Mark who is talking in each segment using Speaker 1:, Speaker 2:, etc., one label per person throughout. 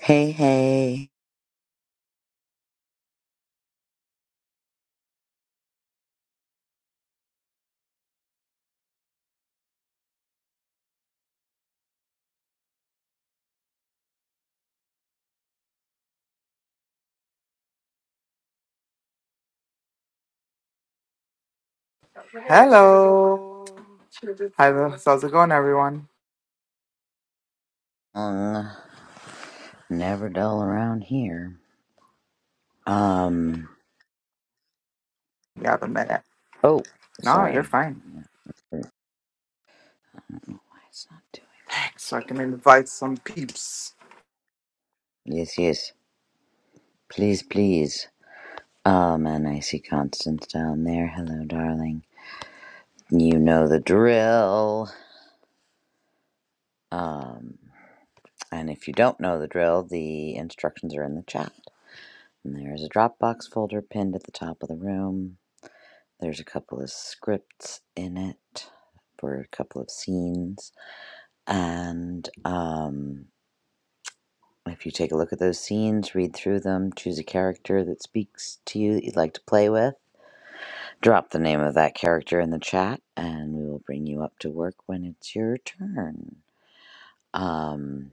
Speaker 1: Hey, hey.
Speaker 2: Hello. Hi, Liz. how's it going, everyone?
Speaker 1: Um, never dull around here. Um,
Speaker 2: You have a minute.
Speaker 1: oh,
Speaker 2: No, you're
Speaker 1: sorry.
Speaker 2: fine.
Speaker 1: I don't know Why it's not
Speaker 2: So I can invite some peeps.
Speaker 1: doing. Yes, yes. Please, please. Oh, man, I see Constance down there. Hello, darling. You know the drill. Um, and if you don't know the drill, the instructions are in the chat. And there's a Dropbox folder pinned at the top of the room. There's a couple of scripts in it for a couple of scenes. And um, if you take a look at those scenes, read through them, choose a character that speaks to you that you'd like to play with, drop the name of that character in the chat, and we will bring you up to work when it's your turn. Um,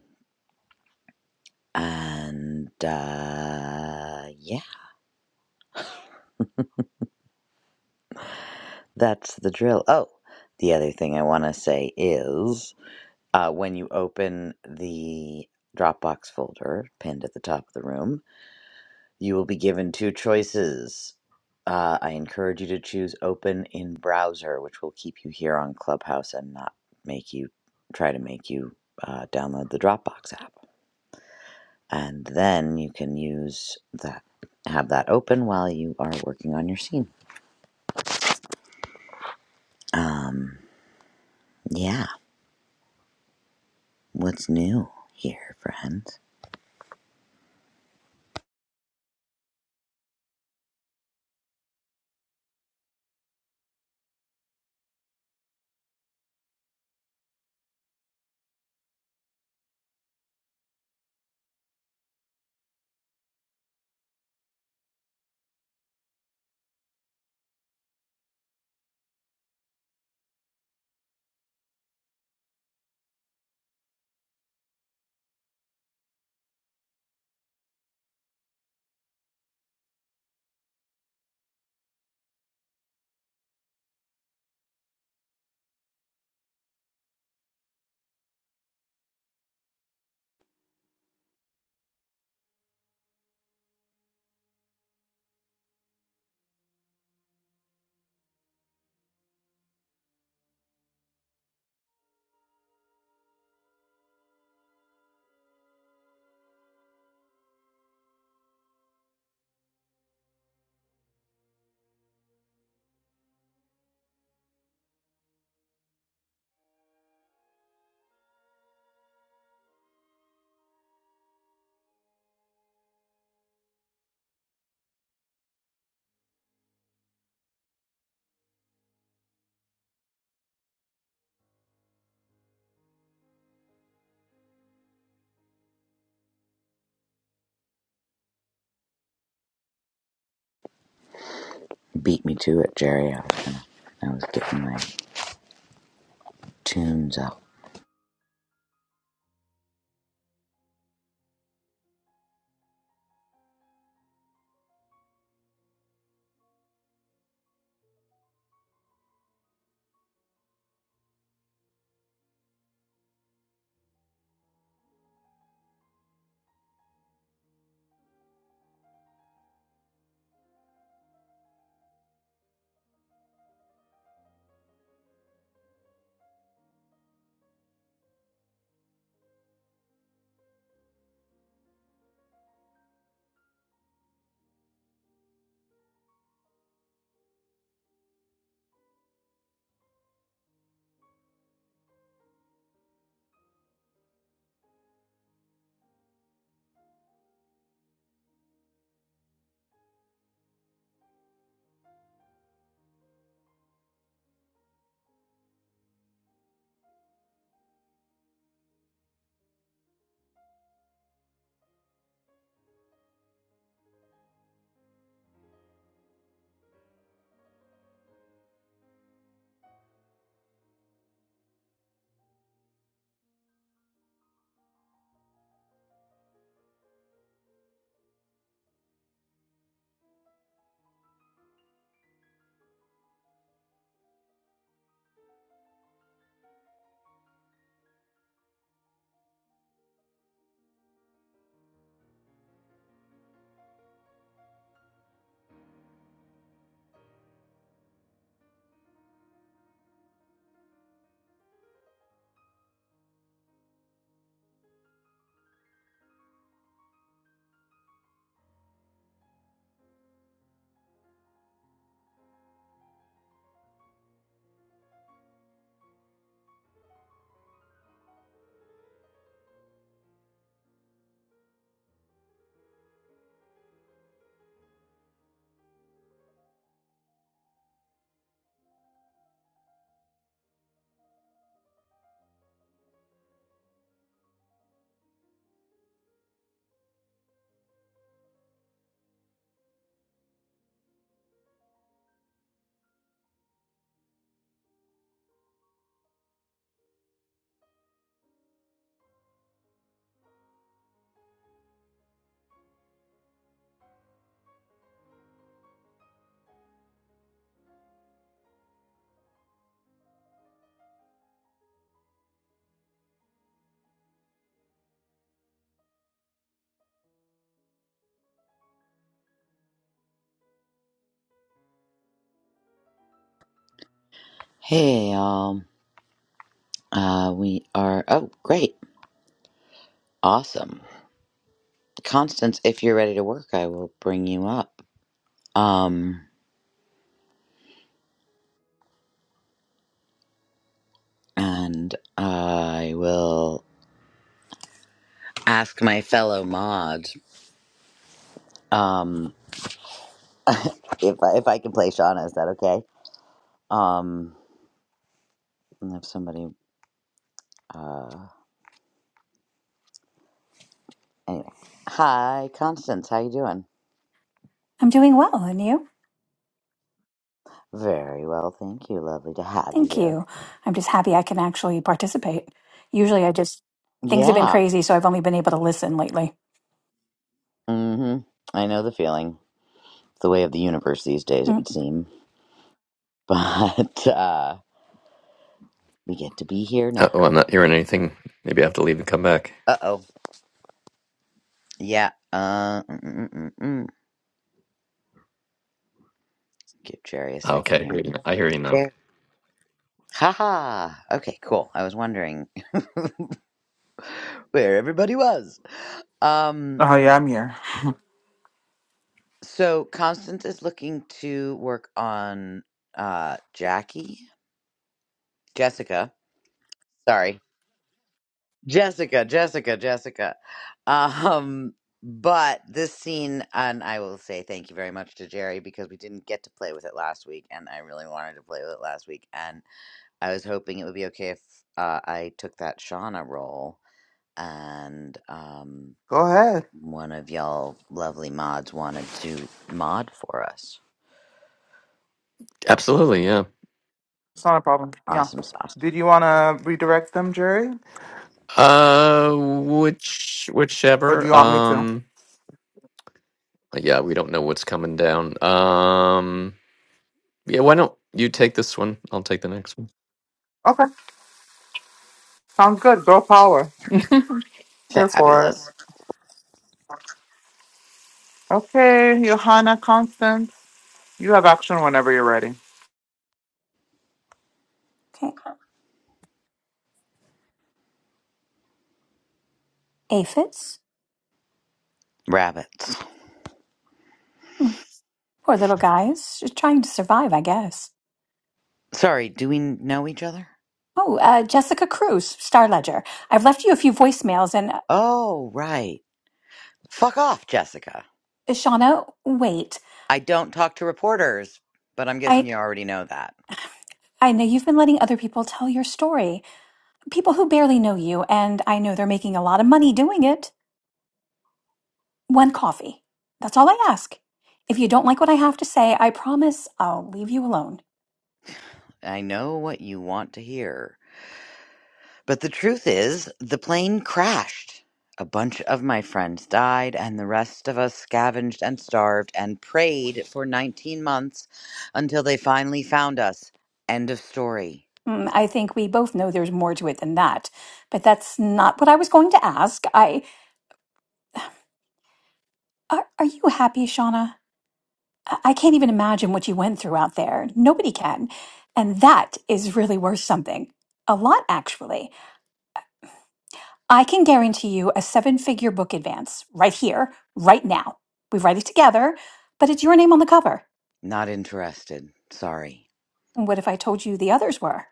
Speaker 1: and uh, yeah, that's the drill. Oh, the other thing I want to say is uh, when you open the Dropbox folder pinned at the top of the room, You will be given two choices. Uh, I encourage you to choose open in browser, which will keep you here on Clubhouse and not make you try to make you uh, download the Dropbox app. And then you can use that, have that open while you are working on your scene. Um, yeah, what's new here, friends? Beat me to it, Jerry. I was, gonna, I was getting my tunes up. Hey, y'all. Uh, we are, oh, great. Awesome. Constance, if you're ready to work, I will bring you up. Um, and I will ask my fellow mod um, if I, if I can play Shauna. Is that okay? Um, and if somebody, uh, anyway. Hi, Constance. How you doing?
Speaker 3: I'm doing well, and you?
Speaker 1: Very well, thank you. Lovely to have you
Speaker 3: Thank
Speaker 1: here.
Speaker 3: you. I'm just happy I can actually participate. Usually I just, things have been
Speaker 1: Yeah.
Speaker 3: crazy, so I've only been able to listen lately.
Speaker 1: Mm-hmm. I know the feeling. It's the way of the universe these days, it
Speaker 3: Mm,
Speaker 1: would seem. But uh, we get to be here
Speaker 4: Uh,
Speaker 1: now.
Speaker 4: oh, I'm not hearing anything. Maybe I have to leave and come back.
Speaker 1: Uh oh. Yeah. Uh, mm, mm, mm, mm. mm. Give Jerry a
Speaker 4: Ah,
Speaker 1: second
Speaker 4: Okay, I hear
Speaker 1: here.
Speaker 4: you now. I hear you now.
Speaker 1: Yeah. Haha. Okay, cool. I was wondering where everybody was. Um,
Speaker 2: Oh, yeah, I'm here.
Speaker 1: so Constance is looking to work on uh Jackie, Jessica. Sorry, Jessica, Jessica, Jessica. Um, but this scene, and I will say thank you very much to Jerry because we didn't get to play with it last week, and I really wanted to play with it last week, and. I was hoping it would be okay if uh, I took that Shauna role and um,
Speaker 2: Go ahead.
Speaker 1: one of y'all lovely mods wanted to mod for us.
Speaker 4: Absolutely, yeah.
Speaker 2: It's not a problem. Yeah.
Speaker 1: Awesome sauce.
Speaker 2: Did you want to redirect them, Jerry?
Speaker 4: Uh, which
Speaker 2: Or do you
Speaker 4: whichever.
Speaker 2: want me to?
Speaker 4: Um, yeah, we don't know what's coming down. Um, yeah, why don't you take this one? I'll take the next one.
Speaker 2: Okay. Sounds good. Girl power. Here for it.
Speaker 1: Fabulous.
Speaker 2: Okay, Johanna Constance. You have action whenever you're ready.
Speaker 3: Okay. Aphids?
Speaker 1: Rabbits.
Speaker 3: Mm, Poor little guys, just trying to survive, I guess.
Speaker 1: Sorry, do we know each other?
Speaker 3: Oh, uh, Jessica Cruz, Star Ledger. I've left you a few voicemails, and uh,
Speaker 1: Oh, right. Fuck off, Jessica.
Speaker 3: Shauna, wait.
Speaker 1: I don't talk to reporters, but I'm guessing
Speaker 3: I,
Speaker 1: you already know that.
Speaker 3: I know you've been letting other people tell your story, people who barely know you, and I know they're making a lot of money doing it. One coffee. That's all I ask. If you don't like what I have to say, I promise I'll leave you alone.
Speaker 1: I know what you want to hear. But the truth is, the plane crashed. A bunch of my friends died, and the rest of us scavenged and starved and prayed for 19 months until they finally found us. End of story.
Speaker 3: Mm, I think we both know there's more to it than that, but that's not what I was going to ask. I are, are you happy, Shauna? I I can't even imagine what you went through out there. Nobody can, and that is really worth something. A lot, actually. I can guarantee you a seven-figure book advance right here, right now. We write it together, but it's your name on the cover.
Speaker 1: Not interested. Sorry.
Speaker 3: What if I told you the others were?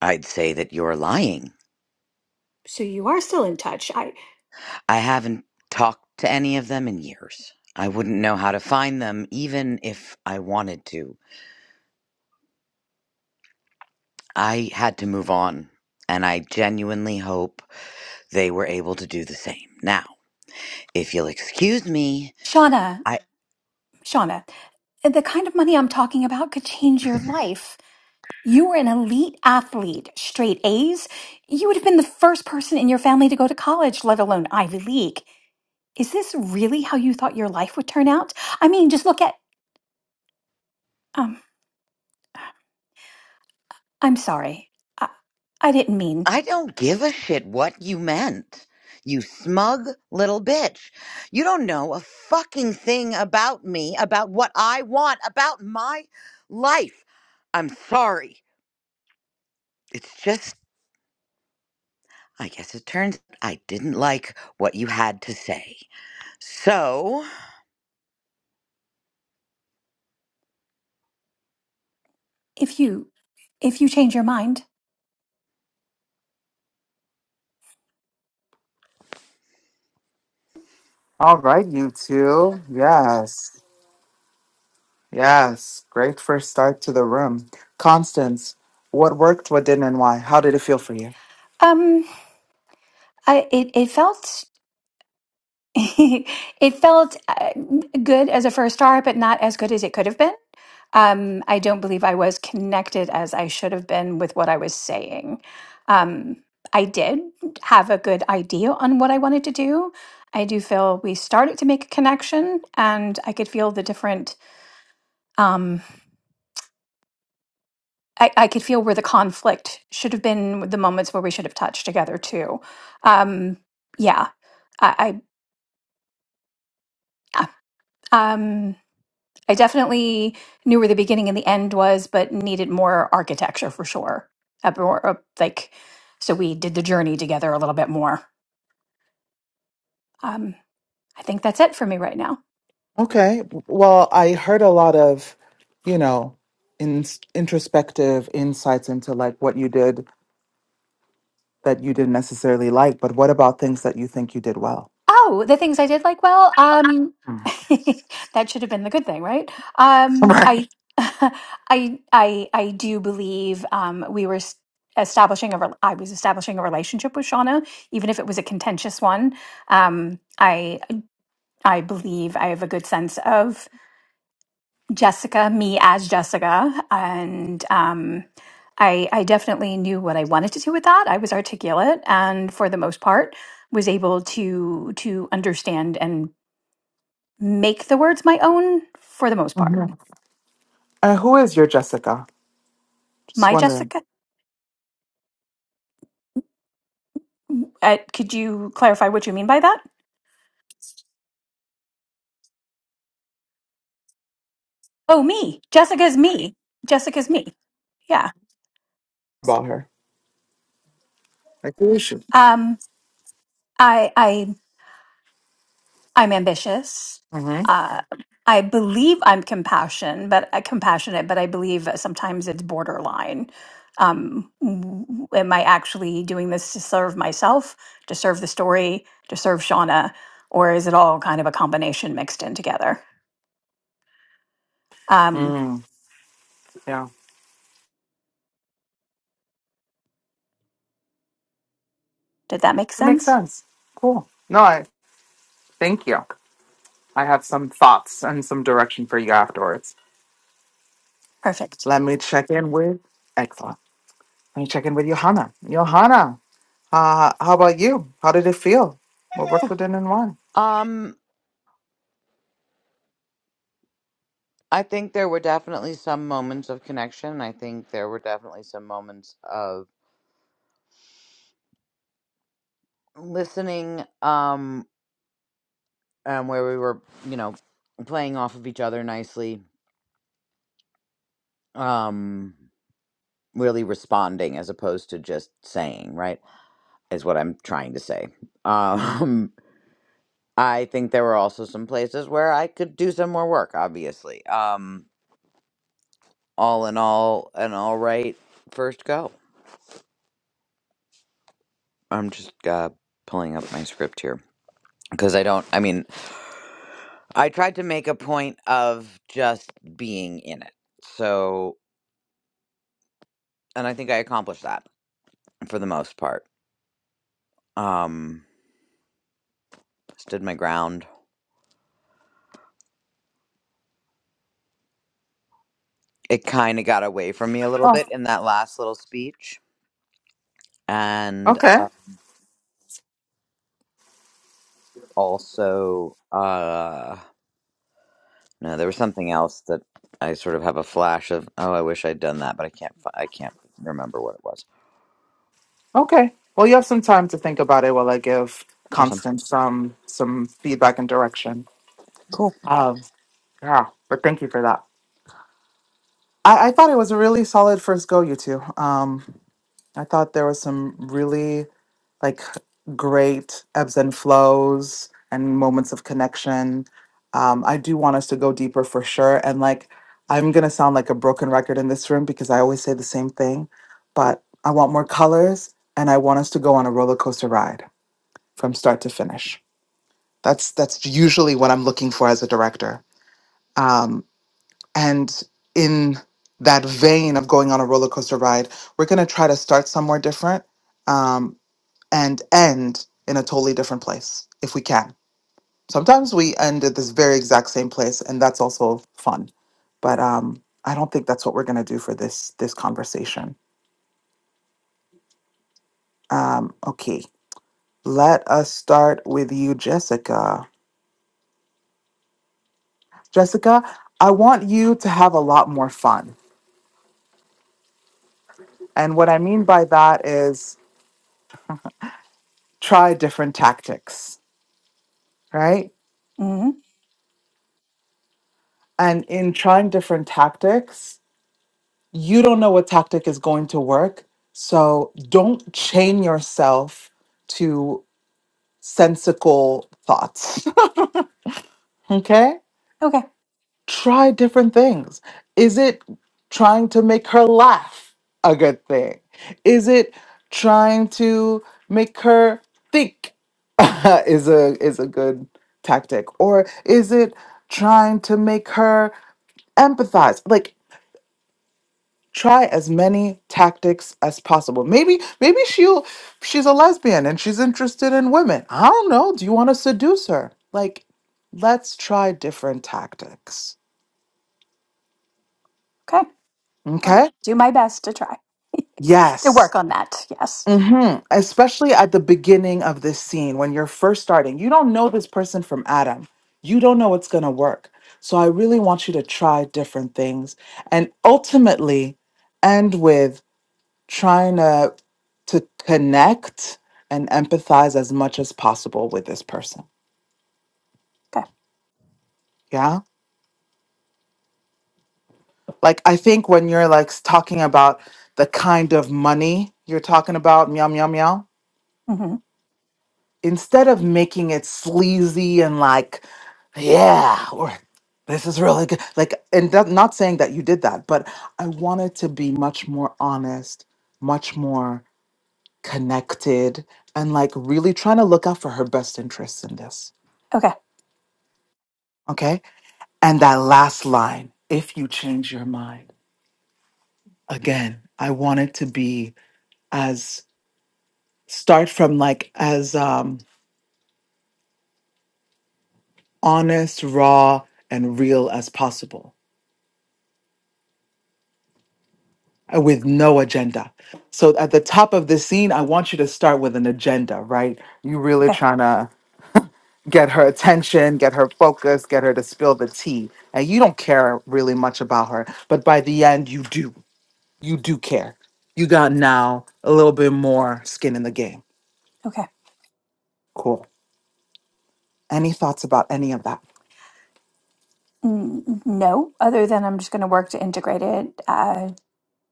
Speaker 1: I'd say that you're lying.
Speaker 3: So you are still in touch. I
Speaker 1: I haven't talked to any of them in years. I wouldn't know how to find them, even if I wanted to. I had to move on, and I genuinely hope they were able to do the same. Now, If you'll excuse me,
Speaker 3: Shauna,
Speaker 1: I
Speaker 3: Shauna, the kind of money I'm talking about could change your life. You were an elite athlete, straight A's. You would have been the first person in your family to go to college, let alone Ivy League. Is this really how you thought your life would turn out? I mean, just look at um I'm sorry. I, I didn't mean
Speaker 1: I don't give a shit what you meant. You smug little bitch. You don't know a fucking thing about me, about what I want, about my life. I'm sorry. It's just I guess it turns I didn't like what you had to say. So,
Speaker 3: if you if you change your mind.
Speaker 2: All right, you two. Yes. Yes, great first start to the room. Constance, what worked, what didn't, and why? How did it feel for you?
Speaker 3: Um I it it felt it felt uh, good as a first start, but not as good as it could have been. Um, I don't believe I was connected as I should have been with what I was saying. Um, I did have a good idea on what I wanted to do. I do feel we started to make a connection, and I could feel the different. Um, I, I could feel where the conflict should have been, with the moments where we should have touched together too. Um, yeah, I, I yeah, um, I definitely knew where the beginning and the end was, but needed more architecture for sure. A more, uh, like, so we did the journey together a little bit more. Um, I think that's it for me right now.
Speaker 2: Okay, well, I heard a lot of, you know, in, introspective insights into like what you did that you didn't necessarily like, but what about things that you think you did well?
Speaker 3: Oh, the things I did like well, um
Speaker 2: Mm.
Speaker 3: that should have been the good thing, right? Um
Speaker 2: Right.
Speaker 3: I I I I do believe um we were s- establishing a re- I was establishing a relationship with Shauna, even if it was a contentious one. Um I I believe I have a good sense of Jessica, me as Jessica, and um I I definitely knew what I wanted to do with that. I was articulate and for the most part was able to to understand and make the words my own for the most part.
Speaker 2: Mhm. Uh, who is your Jessica? Just
Speaker 3: My
Speaker 2: wondering
Speaker 3: Jessica? Uh, could you clarify what you mean by that? Oh, me. Jessica's me. Jessica's me. Yeah.
Speaker 2: about her. Like, who is she?
Speaker 3: Um, I, I, I'm ambitious.
Speaker 2: Mm-hmm.
Speaker 3: Uh, I believe I'm compassion, but uh, compassionate, but I believe that sometimes it's borderline. Um, w- w- am I actually doing this to serve myself, to serve the story, to serve Shauna, or is it all kind of a combination mixed in together? Um,
Speaker 2: Mm, yeah.
Speaker 3: did that make
Speaker 2: It makes
Speaker 3: sense?
Speaker 2: sense. Cool. No, I thank you. I have some thoughts and some direction for you afterwards.
Speaker 3: Perfect.
Speaker 2: Let me check in with excellent. Let me check in with Johanna. Johanna, uh, how about you? How did it feel? What worked within and why?
Speaker 1: um I think there were definitely some moments of connection. I think there were definitely some moments of listening. Um um, where we were, you know, playing off of each other nicely, um, really responding as opposed to just saying, right, is what I'm trying to say. Um, I think there were also some places where I could do some more work, obviously. Um, all in all, an all right first go. I'm just uh, pulling up my script here because I don't, I mean, I tried to make a point of just being in it. So, and I think I accomplished that for the most part um stood my ground it kind of got away from me a little
Speaker 2: Oh,
Speaker 1: bit in that last little speech and
Speaker 2: okay,
Speaker 1: uh, also uh no there was something else that i sort of have a flash of oh i wish i'd done that but i can't fi- i can't remember what it was
Speaker 2: okay. Well, you have some time to think about it while I give
Speaker 1: awesome
Speaker 2: Constance some some feedback and direction.
Speaker 1: cool
Speaker 2: Um, yeah, but thank you for that. I, I thought it was a really solid first go, you two. Um, I thought there was some really like great ebbs and flows and moments of connection. Um, I do want us to go deeper for sure. And like, I'm going to sound like a broken record in this room because I always say the same thing, but I want more colors and I want us to go on a roller coaster ride from start to finish. That's that's usually what I'm looking for as a director. Um, and in that vein of going on a roller coaster ride, we're going to try to start somewhere different Um, and end in a totally different place if we can. Sometimes we end at this very exact same place, and that's also fun. But um, I don't think that's what we're gonna do for this this conversation. Um, okay, let us start with you, Jessica. Jessica, I want you to have a lot more fun, and what I mean by that is try different tactics, right?
Speaker 3: hmm
Speaker 2: And in trying different tactics, you don't know what tactic is going to work. So don't chain yourself to sensical thoughts. okay?
Speaker 3: Okay.
Speaker 2: Try different things. Is it trying to make her laugh a good thing? Is it trying to make her think is a is a good tactic? Or is it trying to make her empathize? Like try as many tactics as possible. Maybe maybe she'll she's a lesbian and she's interested in women. I don't know. Do you want to seduce her? Like, let's try different tactics.
Speaker 3: Okay. I'll
Speaker 2: Okay?
Speaker 3: do my best to try to
Speaker 2: Yes.
Speaker 3: work on that. Yes.
Speaker 2: hmm Especially at the beginning of this scene when you're first starting. You don't know this person from Adam. You don't know what's gonna work. So I really want you to try different things and ultimately end with trying to to connect and empathize as much as possible with this person.
Speaker 3: Okay.
Speaker 2: Yeah. Like I think when you're like s- talking about the kind of money you're talking about, meow meow meow,
Speaker 3: hmm
Speaker 2: instead of making it sleazy and like, yeah, or this is really good. Like, and that, not saying that you did that, but I wanted to be much more honest, much more connected, and like really trying to look out for her best interests in this.
Speaker 3: Okay.
Speaker 2: Okay And that last line, if you change your mind. Again, I want it to be as start from like as um honest, raw, and real as possible uh, with no agenda. So at the top of the scene, I want you to start with an agenda, right? You really
Speaker 3: Okay.
Speaker 2: trying to get her attention, get her focus, get her to spill the tea. And you don't care really much about her, but by the end you do. You do care. You got now a little bit more skin in the game.
Speaker 3: Okay.
Speaker 2: Cool. Any thoughts about any of that?
Speaker 3: Mm, no, other than I'm just going to work to integrate it uh,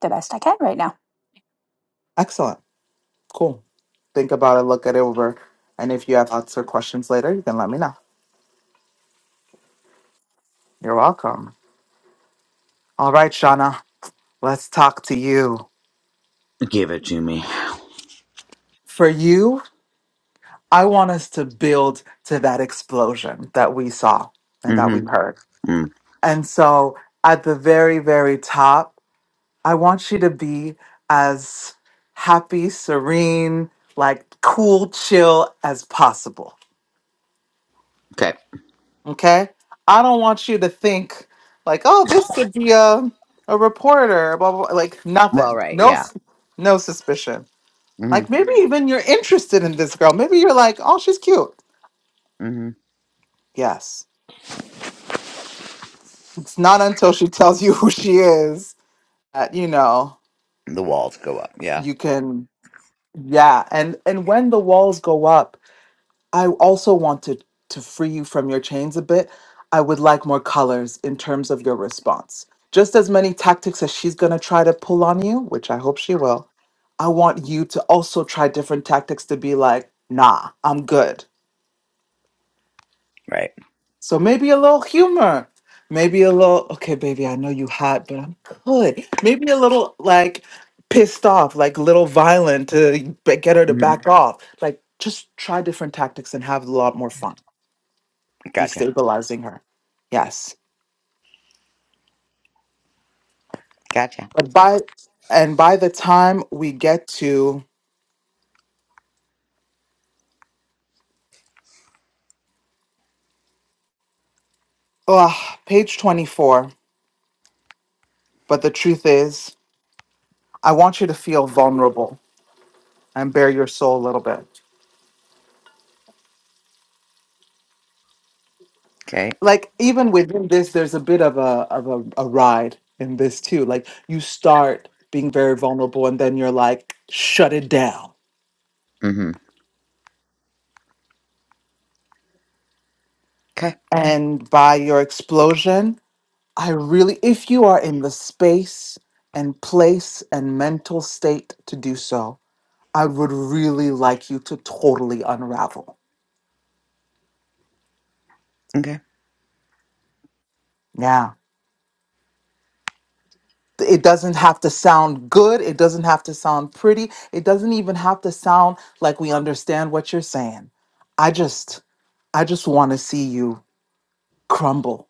Speaker 3: the best I can right now.
Speaker 2: Excellent. Cool. Think about it, look it over. And if you have thoughts or questions later, you can let me know. You're welcome. All right, Shauna, let's talk to you.
Speaker 1: give it to me
Speaker 2: For you, I want us to build to that explosion that we saw and that
Speaker 1: mm-hmm
Speaker 2: we heard.
Speaker 1: Mm,
Speaker 2: And so at the very, very top, I want you to be as happy, serene, like cool, chill as possible
Speaker 1: okay
Speaker 2: Okay. I don't want you to think like, oh, this could be a, a reporter, blah, blah, blah. Like
Speaker 1: well
Speaker 2: nothing.
Speaker 1: right
Speaker 2: No,
Speaker 1: yeah
Speaker 2: s- no suspicion.
Speaker 1: mm-hmm
Speaker 2: Like maybe even you're interested in this girl. Maybe you're like, oh, she's cute.
Speaker 1: mm-hmm
Speaker 2: Yes. It's not until she tells you who she is that, you know,
Speaker 1: the walls go up yeah
Speaker 2: you can, yeah. And, and when the walls go up, I also want to, to free you from your chains a bit. I would like more colors in terms of your response. Just as many tactics as she's going to try to pull on you, which I hope she will, I want you to also try different tactics to be like, nah, I'm good.
Speaker 1: right
Speaker 2: So maybe a little humor. Maybe a little, okay, baby, I know you hot, but I'm good. Maybe a little like pissed off, like little violent to b- get her to
Speaker 1: Mm-hmm.
Speaker 2: back off. Like just try different tactics and have a lot more fun.
Speaker 1: Gotcha.
Speaker 2: destabilizing her. Yes.
Speaker 1: Gotcha.
Speaker 2: But by and by the time we get to ugh, page 24, but the truth is, I want you to feel vulnerable and bare your soul a little bit.
Speaker 1: Okay.
Speaker 2: Like even within this, there's a bit of a of a, a ride in this too. Like you start being very vulnerable and then you're like, shut it down.
Speaker 1: Mm-hmm. Okay.
Speaker 2: And by your explosion, I really if you are in the space and place and mental state to do so. I would really like you to totally unravel.
Speaker 1: Okay.
Speaker 2: Yeah. It doesn't have to sound good. It doesn't have to sound pretty. It doesn't even have to sound like we understand what you're saying. I just, I just want to see you crumble.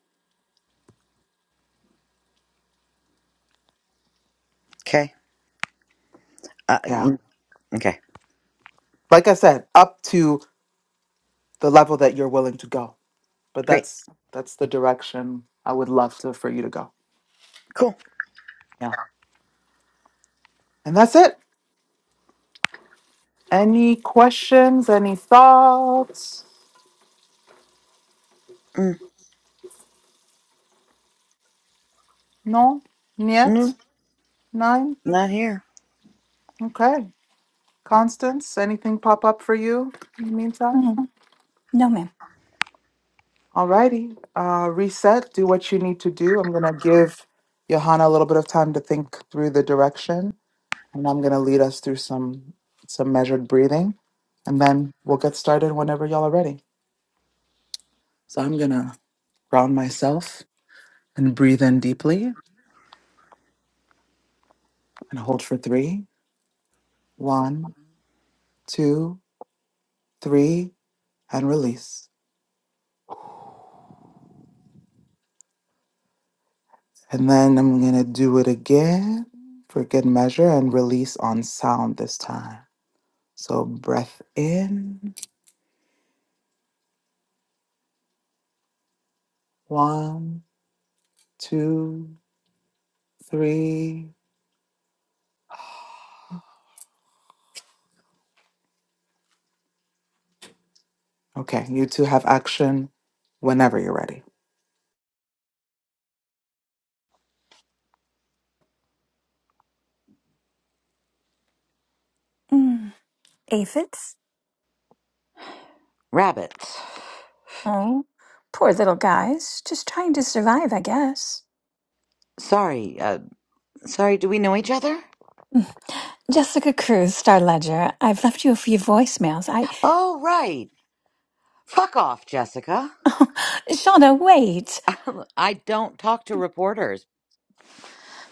Speaker 1: Okay. Uh,
Speaker 2: Yeah.
Speaker 1: mm, okay.
Speaker 2: Like I said, up to the level that you're willing to go. But
Speaker 1: Great.
Speaker 2: that's that's the direction I would love to for you to go.
Speaker 1: Cool.
Speaker 2: Yeah. And that's it. Any questions? Any thoughts?
Speaker 1: Mm,
Speaker 2: No? Yet?
Speaker 1: no,
Speaker 2: Nine?
Speaker 1: not here.
Speaker 2: Okay. Constance, anything pop up for you in the meantime?
Speaker 3: Mm, no, ma'am.
Speaker 2: Alrighty, uh, reset, do what you need to do. I'm gonna give Johanna a little bit of time to think through the direction, and I'm gonna lead us through some some measured breathing, and then we'll get started whenever y'all are ready. So I'm gonna ground myself and breathe in deeply and hold for three, one, two, three, and release. And then I'm going to do it again for good measure and release on sound this time. So breath in, one, two, three. Okay, you two have action whenever you're ready.
Speaker 3: Mm, aphids?
Speaker 1: Rabbits.
Speaker 3: Oh, poor little guys. Just trying to survive, I guess.
Speaker 1: Sorry. Uh, sorry. Do we know each other?
Speaker 3: Jessica Cruz, Star Ledger, I've left you a few voicemails. I,
Speaker 1: Oh, right. Fuck off, Jessica.
Speaker 3: Shauna, wait.
Speaker 1: I don't talk to reporters,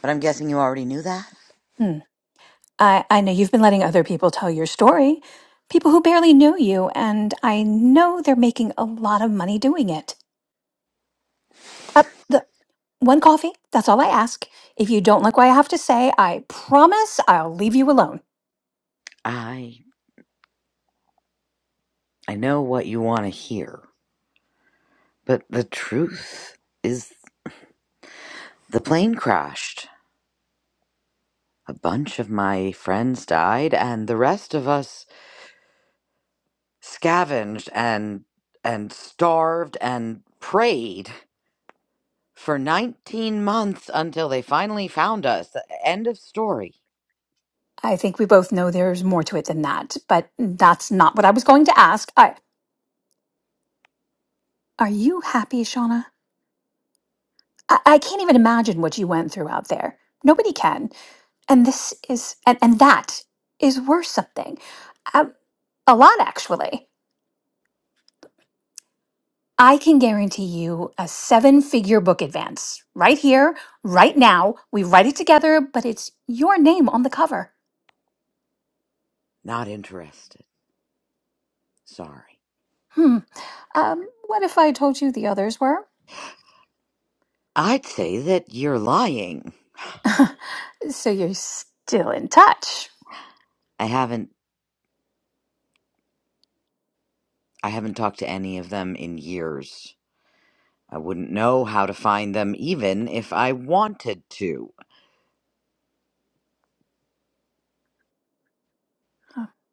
Speaker 1: but I'm guessing you already knew that.
Speaker 3: Hmm. I, I know you've been letting other people tell your story, people who barely knew you, and I know they're making a lot of money doing it. Uh, the one coffee, that's all I ask. If you don't like what I have to say, I promise I'll leave you alone.
Speaker 1: I I know what you want to hear, but the truth is the plane crashed. A bunch of my friends died, and the rest of us scavenged and and starved and prayed for 19 months until they finally found us. Uh, End of story.
Speaker 3: I think we both know there's more to it than that, but that's not what I was going to ask. I, are you happy, Shauna? I, I can't even imagine what you went through out there. Nobody can. And this is, and, and that is worth something. Um, a lot, actually. I can guarantee you a seven figure book advance right here, right now. We write it together, but it's your name on the cover.
Speaker 1: Not interested. Sorry.
Speaker 3: Hmm. Um, what if I told you the others were?
Speaker 1: I'd say that you're lying.
Speaker 3: So you're still in touch.
Speaker 1: I haven't I haven't talked to any of them in years. I wouldn't know how to find them even if I wanted to.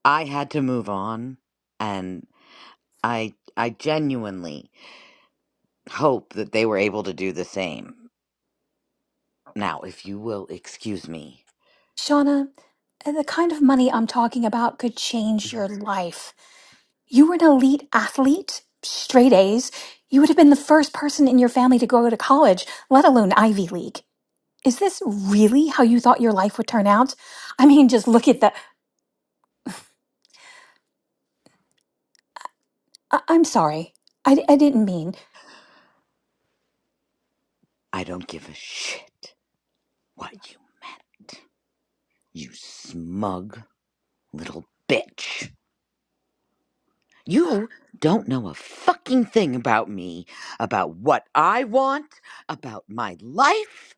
Speaker 1: I had to move on and I I genuinely hope that they were able to do the same. Now, if you will excuse me,
Speaker 3: Shauna, uh, the kind of money I'm talking about could change your life. You were an elite athlete, straight A's. You would have been the first person in your family to go to college, let alone Ivy League. Is this really how you thought your life would turn out? I mean, just look at the. I- I'm sorry. I, I didn't mean
Speaker 1: I don't give a shit what you meant. You smug little bitch. You don't know a fucking thing about me, about what I want, about my life.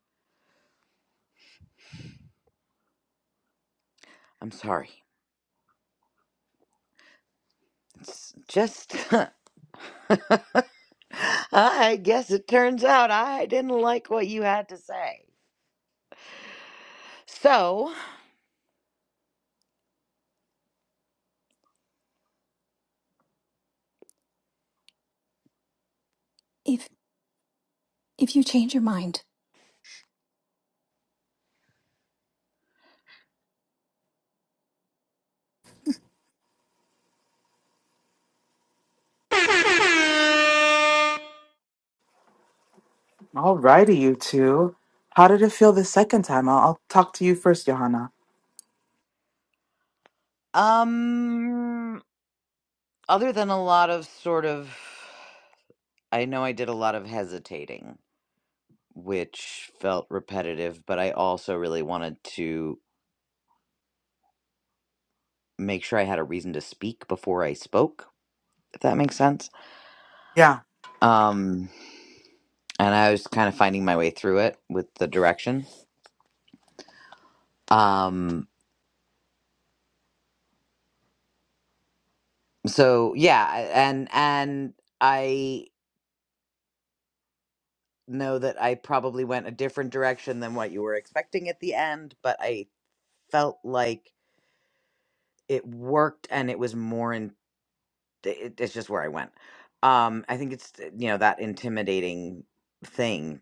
Speaker 1: I'm sorry. It's just. I guess it turns out I didn't like what you had to say. So,
Speaker 3: if if you change your mind.
Speaker 2: Alrighty, you two. How did it feel the second time? I'll, I'll talk to you first, Johanna.
Speaker 1: um, other than a lot of sort of I know I did a lot of hesitating, which felt repetitive, but I also really wanted to make sure I had a reason to speak before I spoke, if that makes sense.
Speaker 2: Yeah,
Speaker 1: Um, and I was kind of finding my way through it with the direction. Um, so yeah, and and I know that I probably went a different direction than what you were expecting at the end, but I felt like it worked and it was more it, it's just where I went. Um, I think it's you know that intimidating thing,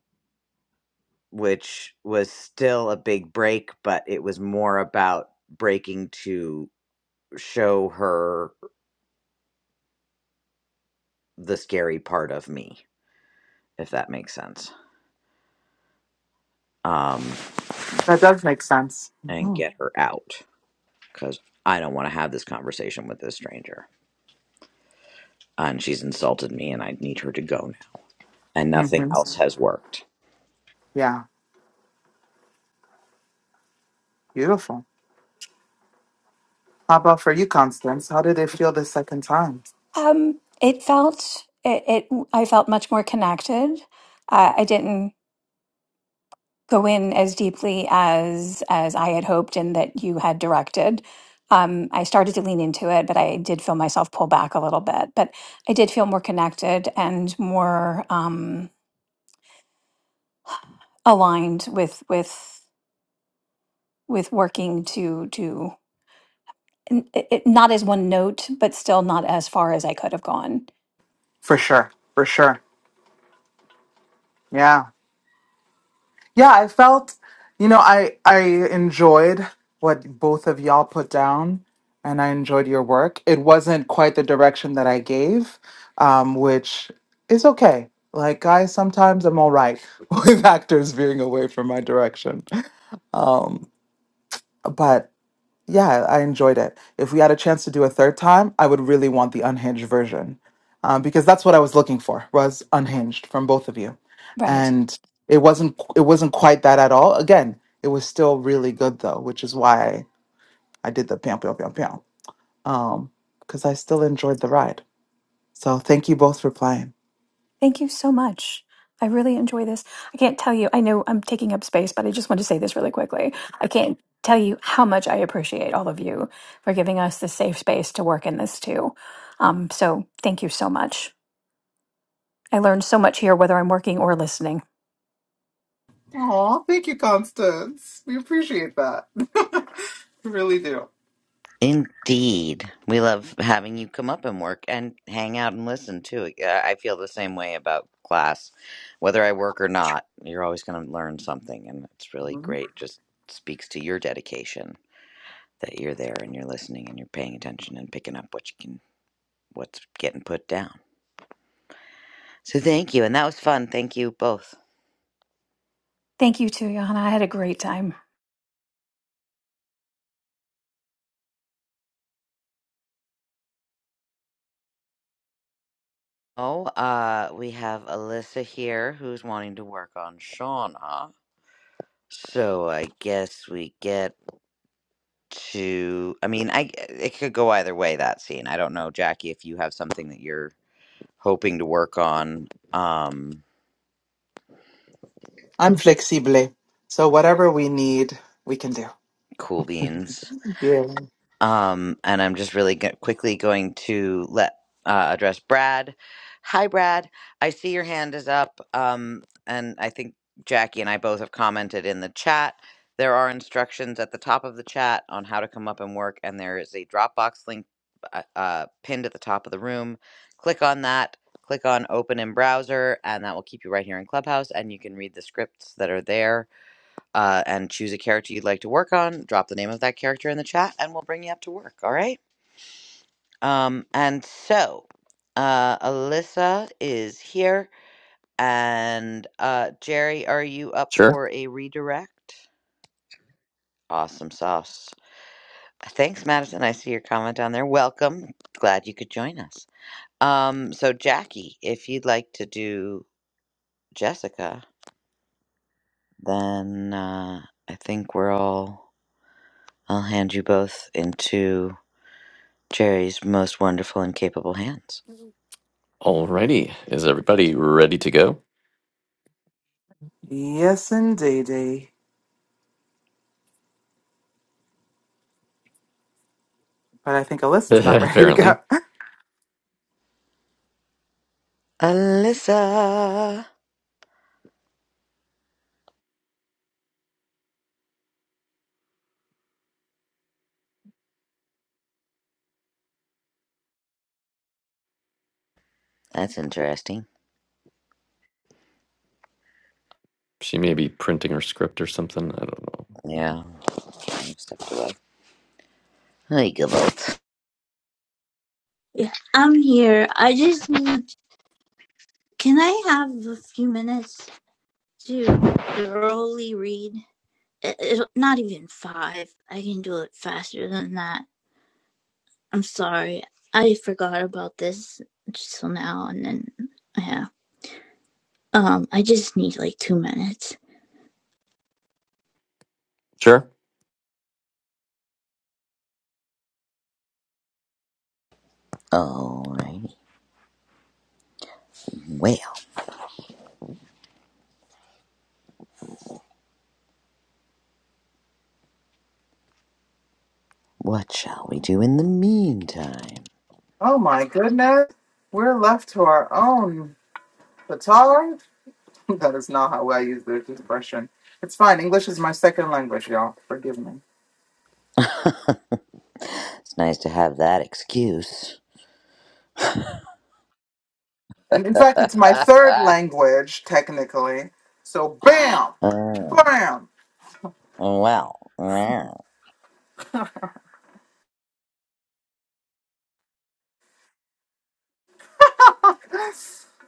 Speaker 1: which was still a big break, but it was more about breaking to show her the scary part of me, if that makes sense, um,
Speaker 2: that does make sense.
Speaker 1: and
Speaker 2: hmm
Speaker 1: get her out because I don't want to have this conversation with this stranger, and she's insulted me, and I need her to go now, and nothing
Speaker 2: hmm
Speaker 1: else has worked.
Speaker 2: Yeah, beautiful. How about for you, Constance? How did it feel the second time?
Speaker 3: Um, it felt it. it I felt much more connected. Uh, I didn't. go in as deeply as as I had hoped and that you had directed. Um, I started to lean into it, but I did feel myself pull back a little bit. But I did feel more connected and more um, aligned with with with working to to n- it, it- not as one note, but still not as far as I could have gone.
Speaker 2: For sure, for sure. Yeah. Yeah, I felt, you know, I I enjoyed what both of y'all put down, and I enjoyed your work. It wasn't quite the direction that I gave, um, which is okay. Like guys, sometimes I'm all right with actors veering away from my direction. Um, but yeah, I enjoyed it. If we had a chance to do a third time, I would really want the unhinged version, um, because that's what I was looking for was unhinged from both of you,
Speaker 3: Right.
Speaker 2: and it wasn't it wasn't quite that at all. Again, it was still really good though, which is why I did the piam piam piam piam, um, because I still enjoyed the ride. So thank you both for playing.
Speaker 3: Thank you so much. I really enjoy this. I can't tell you, I know I'm taking up space, but I just want to say this really quickly. I can't tell you how much I appreciate all of you for giving us the safe space to work in this too. Um, so thank you so much. I learned so much here, whether I'm working or listening.
Speaker 2: Oh, thank you, Constance. We appreciate that. We really do.
Speaker 1: Indeed. We love having you come up and work and hang out and listen too. Yeah, I feel the same way about class. Whether I work or not, you're always going to learn something. And it's really
Speaker 2: Mhm.
Speaker 1: great. Just speaks to your dedication that you're there and you're listening and you're paying attention and picking up what you can, what's getting put down. So thank you. And that was fun. Thank you both.
Speaker 3: Thank you too, Johanna. I had a great time.
Speaker 1: Oh, uh, we have Alyssa here who's wanting to work on Shauna. So I guess we get to I mean, I it could go either way that scene. I don't know, Jackie, if you have something that you're hoping to work on. Um,
Speaker 2: I'm flexible. So whatever we need, we can do.
Speaker 1: cool beans.
Speaker 2: Yeah.
Speaker 1: Um, and I'm just really go- quickly going to let uh, address Brad. Hi, Brad. I see your hand is up. Um, and I think Jackie and I both have commented in the chat. There are instructions at the top of the chat on how to come up and work, and there is a Dropbox link uh, uh, pinned at the top of the room. Click on that. Click on open in browser, and that will keep you right here in Clubhouse, and you can read the scripts that are there uh, and choose a character you'd like to work on. Drop the name of that character in the chat, and we'll bring you up to work. All right. Um, and so, uh, Alyssa is here, and uh, Jerry, are you up
Speaker 4: Sure.
Speaker 1: for a redirect? Awesome sauce. Thanks, Madison. I see your comment down there. Welcome. Glad you could join us. Um, so Jackie, if you'd like to do Jessica, then uh, I think we're all. I'll hand you both into Jerry's most wonderful and capable hands.
Speaker 4: Alrighty, is everybody ready to go?
Speaker 2: Yes, indeed. eh? But I think Alyssa's not ready to go.
Speaker 4: Apparently,
Speaker 1: Alyssa! That's interesting.
Speaker 4: she may be printing her script or something. I don't know.
Speaker 1: Yeah, I stepped away. Hey, good old.
Speaker 5: Yeah, I'm here. I just need. Can I have a few minutes to thoroughly read? It, it, not even five. I can do it faster than that. I'm sorry. I forgot about this just till now, and then yeah. Um, I just need like two minutes.
Speaker 4: Sure.
Speaker 1: Alrighty. Well, what shall we do in the meantime?
Speaker 2: Oh my goodness. We're left to our own guitar. That is not how I use the expression. It's fine. English is my second language, y'all. Forgive me.
Speaker 1: It's nice to have that excuse.
Speaker 2: And in fact, it's my third language, technically. So bam!
Speaker 1: Mm,
Speaker 2: Bam!
Speaker 1: well, mm.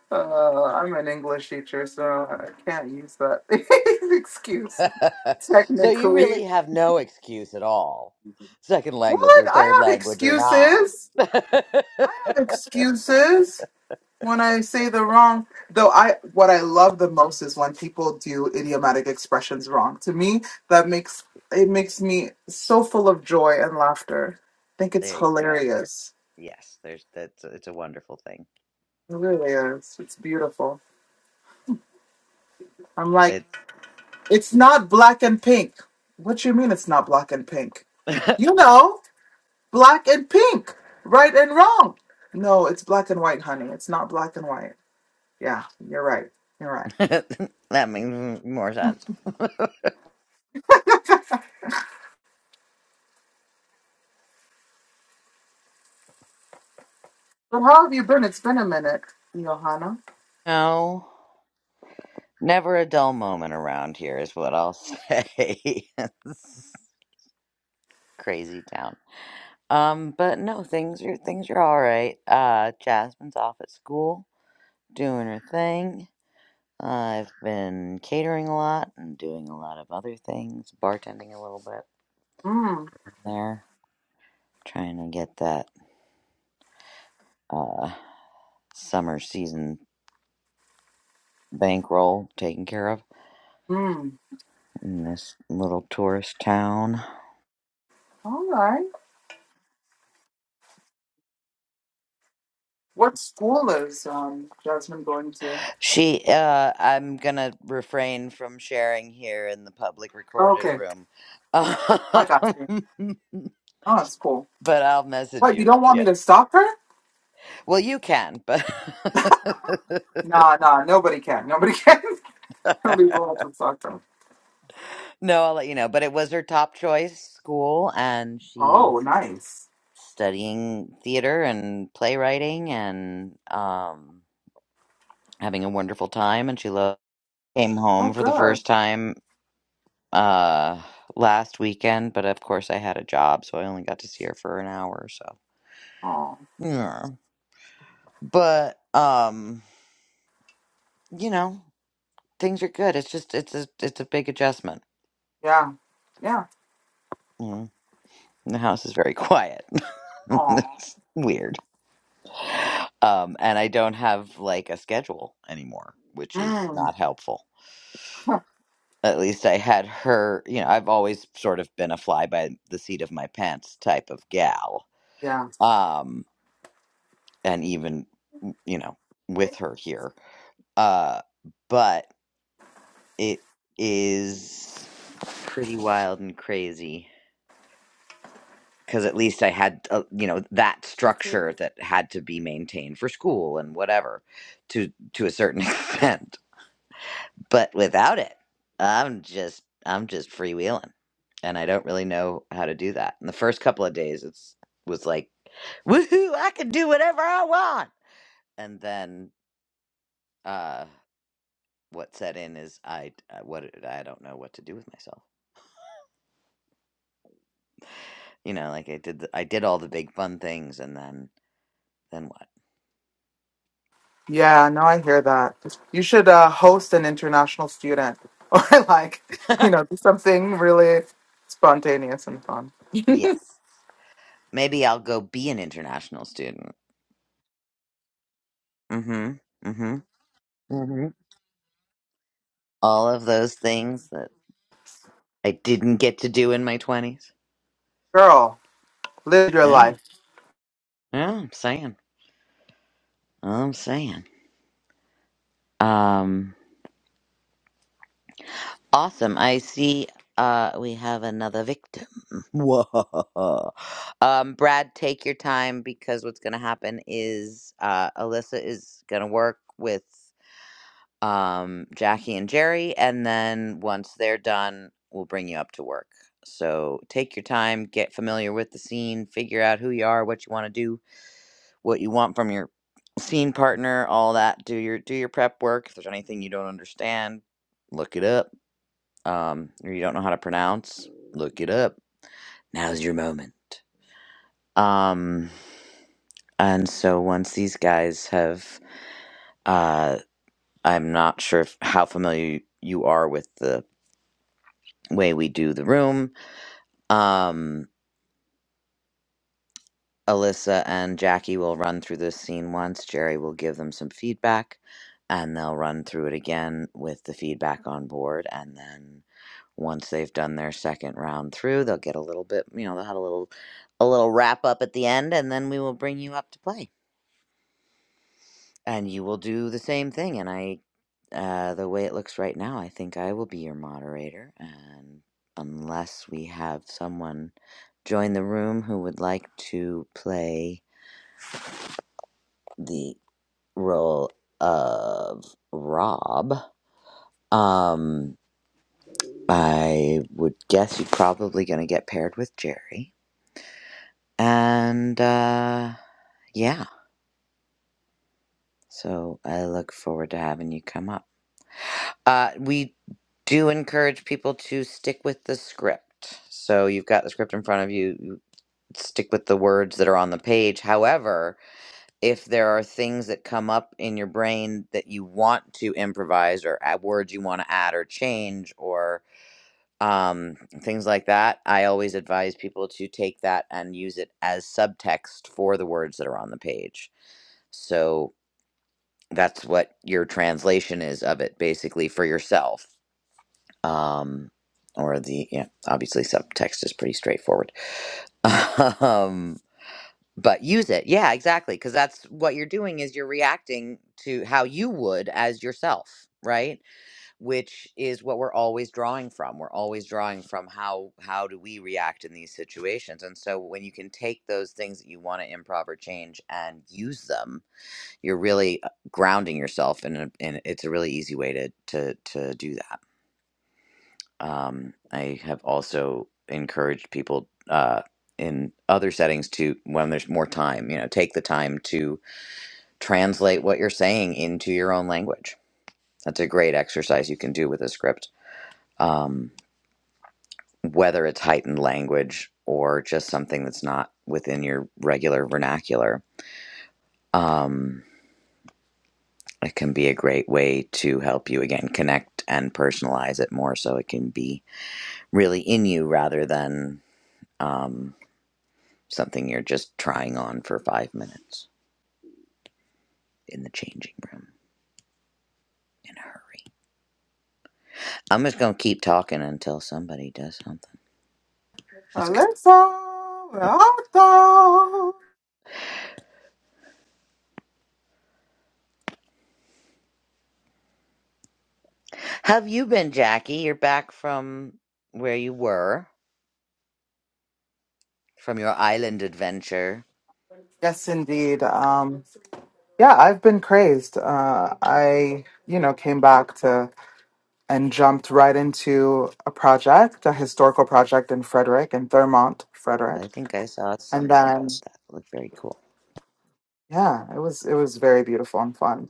Speaker 2: Uh, I'm an English teacher, so I can't use that excuse.
Speaker 1: so you
Speaker 2: Technically,
Speaker 1: really have no excuse at all, second language
Speaker 2: what?
Speaker 1: or third
Speaker 2: I have
Speaker 1: language or not.
Speaker 2: excuses.
Speaker 1: there
Speaker 2: I have excuses when I say the wrong. Though I, what I love the most is when people do idiomatic expressions wrong. To me, that makes it makes me so full of joy and laughter. I think it's
Speaker 1: you go.
Speaker 2: hilarious.
Speaker 1: Yes, there's that's it's a wonderful thing.
Speaker 2: It really is. It's beautiful. I'm like. It's not black and pink. What you mean it's not black and pink?
Speaker 1: It's
Speaker 2: You know, black and pink, right and wrong. No, it's black and white, honey. It's not black and white. Yeah, you're right. You're right.
Speaker 1: that makes more sense.
Speaker 2: But how have you been? It's been a minute, Johanna.
Speaker 1: No, never a dull moment around here is what I'll say. It's Crazy town. Um, but no, things are things are all right. Uh, Jasmine's off at school doing her thing. I've been catering a lot and doing a lot of other things, bartending a little bit
Speaker 2: Mm,
Speaker 1: there, trying to get that uh summer season bankroll taken care of.
Speaker 2: mm.
Speaker 1: in this little tourist town.
Speaker 2: All right. What school is um, Jasmine going to?
Speaker 1: She, uh, I'm gonna refrain from sharing here in the public recorded
Speaker 2: Okay,
Speaker 1: room,
Speaker 2: I
Speaker 1: but
Speaker 2: got you. Oh, that's cool.
Speaker 1: I'll message
Speaker 2: What, you
Speaker 1: you.
Speaker 2: don't want me
Speaker 1: Yeah.
Speaker 2: to stop her?
Speaker 1: Well, you can, but
Speaker 2: Nah, nah, nobody can. Nobody can. nobody will to stop her.
Speaker 1: no, I'll let you know. But it was her top choice school, and she's
Speaker 2: Oh, nice.
Speaker 1: studying theater and playwriting and um, having a wonderful time. And she lo Came
Speaker 2: Oh,
Speaker 1: home for the
Speaker 2: good.
Speaker 1: first time uh last weekend, but of course I had a job, so I only got to see her for an hour or so.
Speaker 2: Oh,
Speaker 1: Yeah. But um, you know, things are good. It's just it's a it's a big adjustment.
Speaker 2: yeah, yeah.
Speaker 1: Mm. The house is very quiet.
Speaker 2: Oh,
Speaker 1: It's weird. Um, and I don't have like a schedule anymore, which is
Speaker 2: mm,
Speaker 1: not helpful. At least I had her, you know, I've always sort of been a fly by the seat of my pants type of gal.
Speaker 2: yeah,
Speaker 1: Um, and even you know with her here uh but it is pretty wild and crazy because at least i had uh, you know that structure that had to be maintained for school and whatever to to a certain extent but without it i'm just i'm just freewheeling and i don't really know how to do that in the first couple of days it's was like woohoo i can do whatever i want and then uh, what set in is I I- what I don't know what to do with myself. You know, like I did the, I did all the big fun things and then then
Speaker 2: yeah. No, I hear that. You should uh, host an international student, or like, you
Speaker 1: what?
Speaker 2: know, do something really spontaneous and fun.
Speaker 1: yes. Maybe I'll go be an international student. Mhm. Mhm. Mhm. All of those things that I didn't get to do in my 20s.
Speaker 2: Girl, live your
Speaker 1: Yeah.
Speaker 2: life.
Speaker 1: Yeah, I'm saying. I'm saying. Um Awesome. I see uh we have another victim. Whoa. Um Brad, take your time because what's gonna happen is uh Alyssa is gonna work with um Jackie and Jerry and then once they're done, we'll bring you up to work. So take your time, get familiar with the scene, figure out who you are, what you want to do, what you want from your scene partner, all that. Do your do your prep work. If there's anything you don't understand, look it up um, or you don't know how to pronounce, look it up. Now's your moment. Um, and so once these guys have, uh, I'm not sure if, how familiar you are with the way we do the room. Um, Alyssa and Jackie will run through this scene once. Jerry will give them some feedback, and they'll run through it again with the feedback on board, and then once they've done their second round through, they'll get a little bit, you know, they'll have a little a little wrap up at the end and then we will bring you up to play. And you will do the same thing and I uh the way it looks right now, I think I will be your moderator and unless we have someone join the room who would like to play the role of Rob, um I would guess you're probably going to get paired with Jerry. And uh Yeah. So I look forward to having you come up. Uh, we do encourage people to stick with the script. So you've got the script in front of you. you Stick with the words that are on the page. However, if there are things that come up in your brain that you want to improvise or add words you want to add or change or um, things like that, I always advise people to take that and use it as subtext for the words that are on the page. So that's what your translation is of it basically for yourself um or the yeah obviously subtext is pretty straightforward um but use it yeah exactly because that's what you're doing is you're reacting to how you would as yourself right which is what we're always drawing from we're always drawing from how how do we react in these situations and so when you can take those things that you want to improv or change and use them you're really uh, grounding yourself and a- and it's a really easy way to to to do that um i have also encouraged people uh in other settings to when there's more time you know take the time to translate what you're saying into your own language that's a great exercise you can do with a script um whether it's heightened language or just something that's not within your regular vernacular um it can be a great way to help you again connect and personalize it more so it can be really in you rather than um, something you're just trying on for five minutes in the changing room in a hurry. I'm just going to keep talking until somebody does something. Let's go.
Speaker 2: Alyssa, where art thou?
Speaker 1: How Have you been, Jackie? You're back from where you were, from your island adventure.
Speaker 2: Yes, indeed. Um, yeah, I've been crazed. Uh, I, you know, came back to and jumped right into a project, a historical project in Frederick, in Thurmont, Frederick.
Speaker 1: I think I saw
Speaker 2: and
Speaker 1: something
Speaker 2: then
Speaker 1: about that. It Looked very cool.
Speaker 2: yeah it was it was very beautiful and fun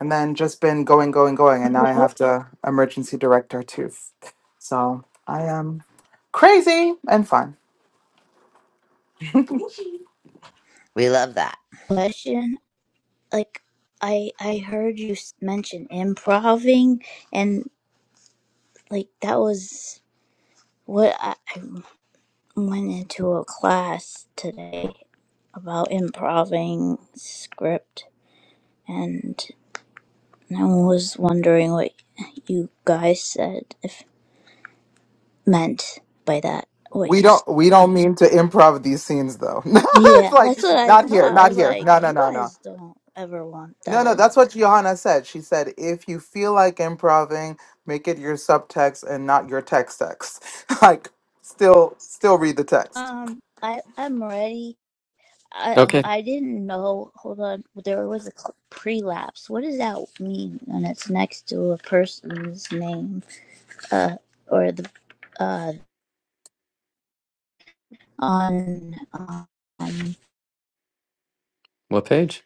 Speaker 2: and then just been going going going and now i
Speaker 5: Well,
Speaker 2: have to emergency direct our tooth so i am crazy and fun
Speaker 1: We love that.
Speaker 5: Question: Like, I I heard you s- mention improving, and like that was what I, I went into a class today about improving script, and I was wondering what you guys said if meant by that. What
Speaker 2: we
Speaker 5: you s
Speaker 2: don't we don't mean to improv these scenes though it's
Speaker 5: Yeah,
Speaker 2: like
Speaker 5: that's what I
Speaker 2: not here
Speaker 5: thought. I
Speaker 2: not
Speaker 5: was
Speaker 2: here
Speaker 5: like,
Speaker 2: no no
Speaker 5: you
Speaker 2: no no
Speaker 5: guys don't ever want
Speaker 2: no no
Speaker 5: that.
Speaker 2: that's what johanna said she said if you feel like improving make it your subtext and not your text text like still still read the text
Speaker 5: Um, I I'm ready. I
Speaker 4: Okay.
Speaker 5: I didn't know. Hold on, there was a cl- prelapse. What does that mean? And it's next to a person's name, uh, or the uh on um
Speaker 4: What page?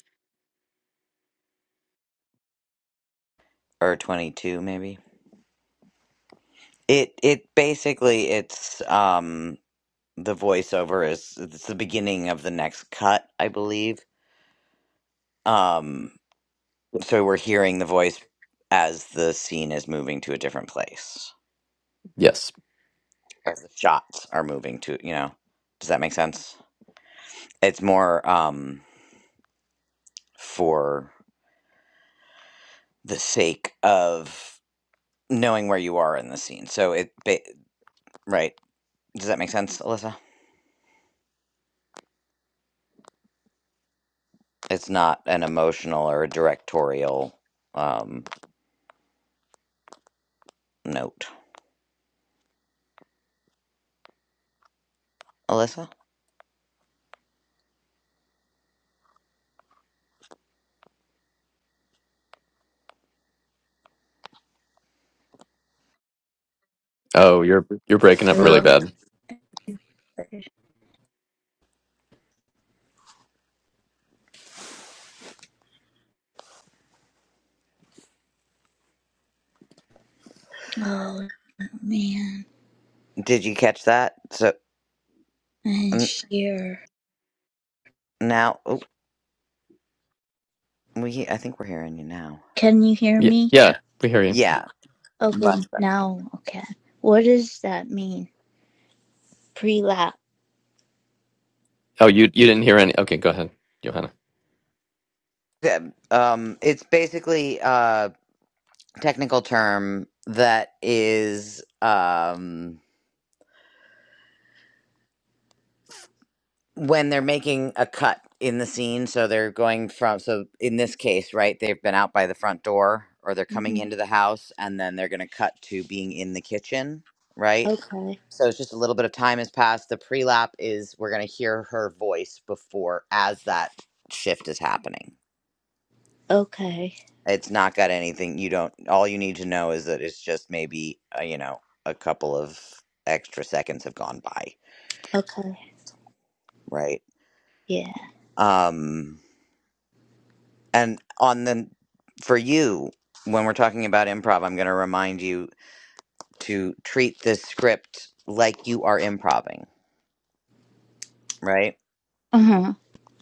Speaker 1: Or 22, maybe. It it basically it's um the voiceover is it's the beginning of the next cut, I believe. Um so we're hearing the voice as the scene is moving to a different place.
Speaker 4: Yes.
Speaker 1: As the shots are moving to, you know. Does that make sense? It's more um for the sake of knowing where you are in the scene. So it ba- right. Does that make sense, Alyssa? It's not an emotional or a directorial um note. Alyssa?
Speaker 4: Oh, you're you're breaking up
Speaker 1: Oh,
Speaker 4: really
Speaker 5: hello.
Speaker 4: bad.
Speaker 5: okay. Oh man,
Speaker 1: did you catch that? So
Speaker 5: I'm
Speaker 1: n-
Speaker 5: here.
Speaker 1: now, oh, we I think we're hearing you now.
Speaker 5: Can you hear
Speaker 4: Yeah,
Speaker 5: me? C-
Speaker 4: yeah, we hear you.
Speaker 1: Yeah,
Speaker 5: Okay,
Speaker 1: much better.
Speaker 5: now, okay. What does that mean? Pre-lap.
Speaker 4: Oh, you you didn't hear any. Okay, go ahead, Johanna.
Speaker 1: Yeah, Um, it's basically a technical term that is um when they're making a cut in the scene. So they're going from so in this case, right? They've been out by the front door, or they're coming
Speaker 5: hmm
Speaker 1: into the house, and then they're going to cut to being in the kitchen, right?
Speaker 5: Okay,
Speaker 1: So it's just a little bit of time has passed. The pre-lap is we're going to hear her voice before as that shift is happening.
Speaker 5: okay,
Speaker 1: It's not got anything you don't all you need to know is that it's just maybe uh, you know a couple of extra seconds have gone by,
Speaker 5: okay.
Speaker 1: right?
Speaker 5: Yeah.
Speaker 1: Um and on the for you when we're talking about improv, I'm going to remind you to treat this script like you are improving, right?
Speaker 5: Uh-huh.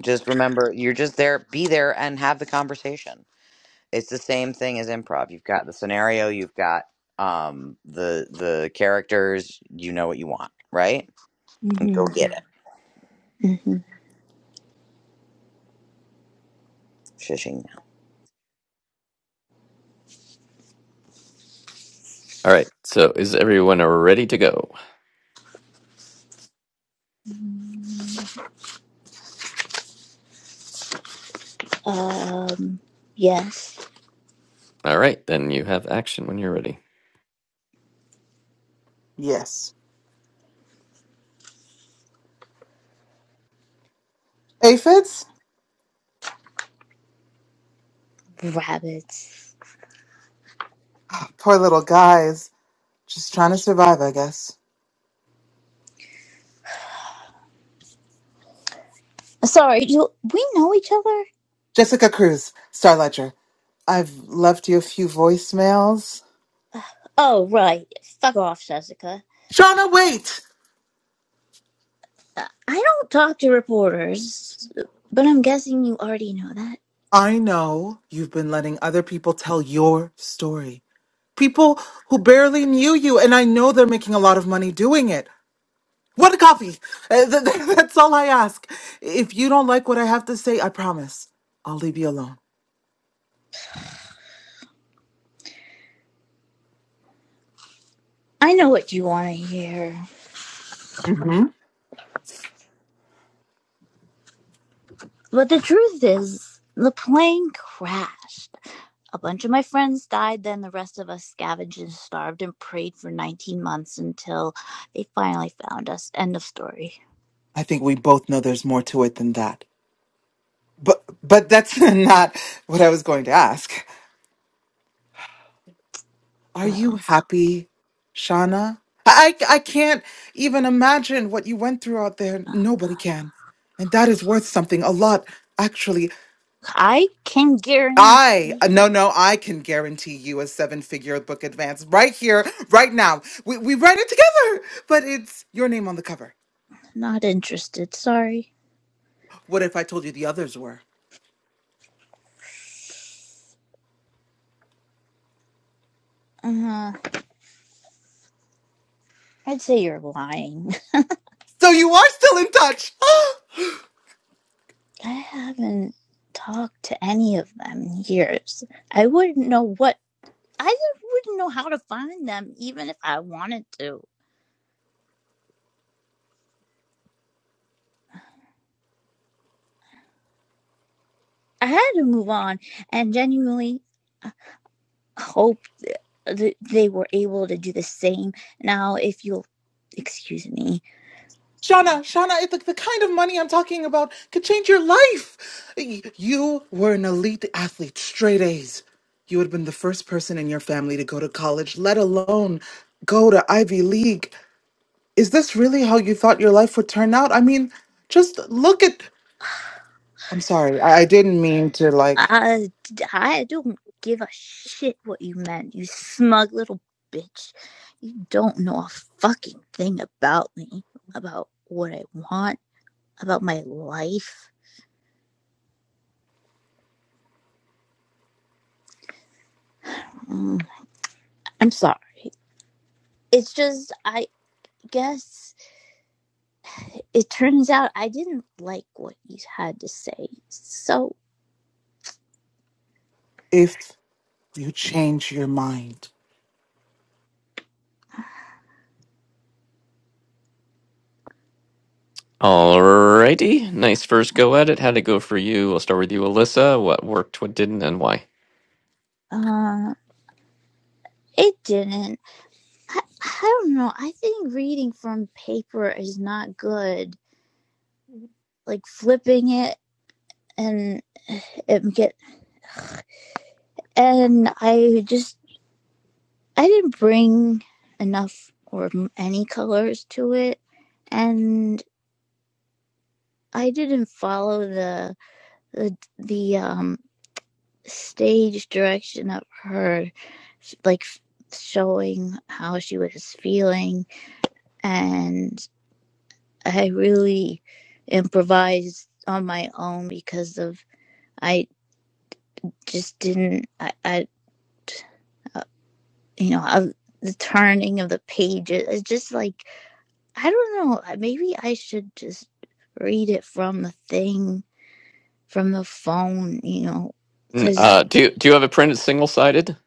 Speaker 1: Just remember you're just there, be there and have the conversation it's the same thing as improv. You've got the scenario, you've got um the the characters, you know what you want, right? And go
Speaker 5: Mm-hmm.
Speaker 1: get it. Shishing now.
Speaker 4: All right. So is everyone ready to go?
Speaker 5: Mm-hmm. Um, yes.
Speaker 4: All right, then you have action when you're ready.
Speaker 2: yes aphids
Speaker 5: Rabbits.
Speaker 2: poor little guys Just trying to survive, I guess.
Speaker 5: Sorry, do we know each other?
Speaker 2: Jessica Cruz, Star Ledger. I've left you a few voicemails.
Speaker 5: Oh, right. Fuck off, Jessica.
Speaker 2: Shauna, wait!
Speaker 5: Uh, I don't talk to reporters, but I'm guessing you already know that.
Speaker 2: I know you've been letting other people tell your story. People who barely knew you, and I know they're making a lot of money doing it. What a coffee! Uh, th- th- That's all I ask. If you don't like what I have to say, I promise I'll leave you alone.
Speaker 5: I know what you want to hear.
Speaker 2: hmm
Speaker 5: But the truth is, the plane crashed. A bunch of my friends died, then the rest of us scavenged and starved and prayed for 19 months until they finally found us. End of story.
Speaker 2: I think we both know there's more to it than that. But but that's not what I was going to ask. Are you
Speaker 5: Um,
Speaker 2: happy, Shauna? I, I I can't even imagine what you went through out there. Nobody can. And that is worth something a lot, actually.
Speaker 5: I can
Speaker 2: I,
Speaker 5: guarantee.
Speaker 2: uh, no, no, I can guarantee you a seven figure book advance right here, right now. We, we write it together, but it's your name on the cover.
Speaker 5: Not interested, sorry.
Speaker 2: What if I told you the others were?
Speaker 5: Uh, I'd say you're lying.
Speaker 2: So you are still in touch.
Speaker 5: I haven't talked to any of them in years. I wouldn't know what. I wouldn't know how to find them even if I wanted to. I had to move on and genuinely hope that they were able to do the same. Now, if you'll excuse me,
Speaker 2: Shauna, Shauna, the, the kind of money I'm talking about could change your life. Y- You were an elite athlete, straight A's. You had been the first person in your family to go to college, let alone go to Ivy League. Is this really how you thought your life would turn out? I mean, just look at. I'm sorry, I, I didn't mean to, like,
Speaker 5: I, I don't give a shit what you meant, you smug little bitch. You don't know a fucking thing about me, about what I want, about my life. Mm, I'm sorry. It's just, I guess it turns out I didn't like what you had to say. So,
Speaker 2: if you change your mind.
Speaker 4: All righty. Nice first go at it. How'd it go for you? I'll start with you, Alyssa. What worked, what didn't, and why?
Speaker 5: uh, it didn't I, I don't know. I think reading from paper is not good. Like flipping it and it get and I just I didn't bring enough or any colors to it, and I didn't follow the the the um stage direction of her, like showing how she was feeling and I really improvised on my own because of I just didn't I, I uh, you know I, the turning of the pages it's just like I don't know maybe I should just read it from the thing from the phone you know
Speaker 4: N-
Speaker 5: because
Speaker 4: Uh, do you, do you have it printed single sided?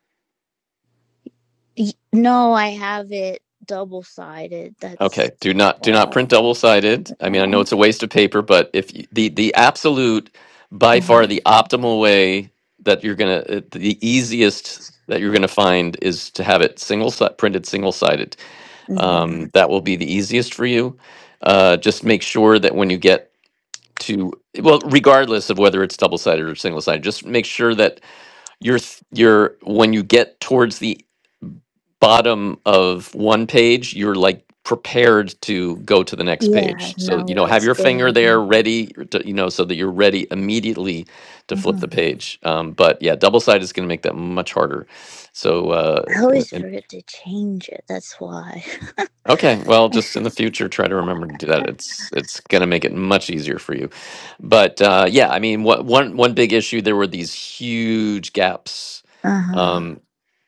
Speaker 5: no I have it double sided that's
Speaker 4: Okay. Do not do not
Speaker 5: all
Speaker 4: print double sided.
Speaker 5: I
Speaker 4: I mean, I know
Speaker 5: know.
Speaker 4: it's a waste of paper, but if you, the the absolute by far
Speaker 5: Um,
Speaker 4: the optimal way that you're gonna uh, the easiest that you're gonna find is to have it single si- printed single sided
Speaker 5: mm,
Speaker 4: um, that will be the easiest for you. Uh, just make sure that when you get to well, regardless of whether it's double sided or single sided, just make sure that your th- your when you get towards the bottom of one page, you're like prepared to go to the next
Speaker 5: yeah,
Speaker 4: page. So
Speaker 5: know
Speaker 4: you know, have
Speaker 5: what's
Speaker 4: your finger
Speaker 5: going
Speaker 4: there
Speaker 5: on.
Speaker 4: ready, to, you know, so that you're ready immediately to flip
Speaker 5: Uh-huh.
Speaker 4: the page. Um, but yeah, double sided is going to make that much harder. So
Speaker 5: I always
Speaker 4: uh,
Speaker 5: forget to change it. That's why.
Speaker 4: Okay, well, just in the future, try to remember to do that.
Speaker 5: uh
Speaker 4: It's it's gonna make it much easier for you. But uh, yeah, I mean, what one one big issue there were these huge gaps.
Speaker 5: huh.
Speaker 4: Um,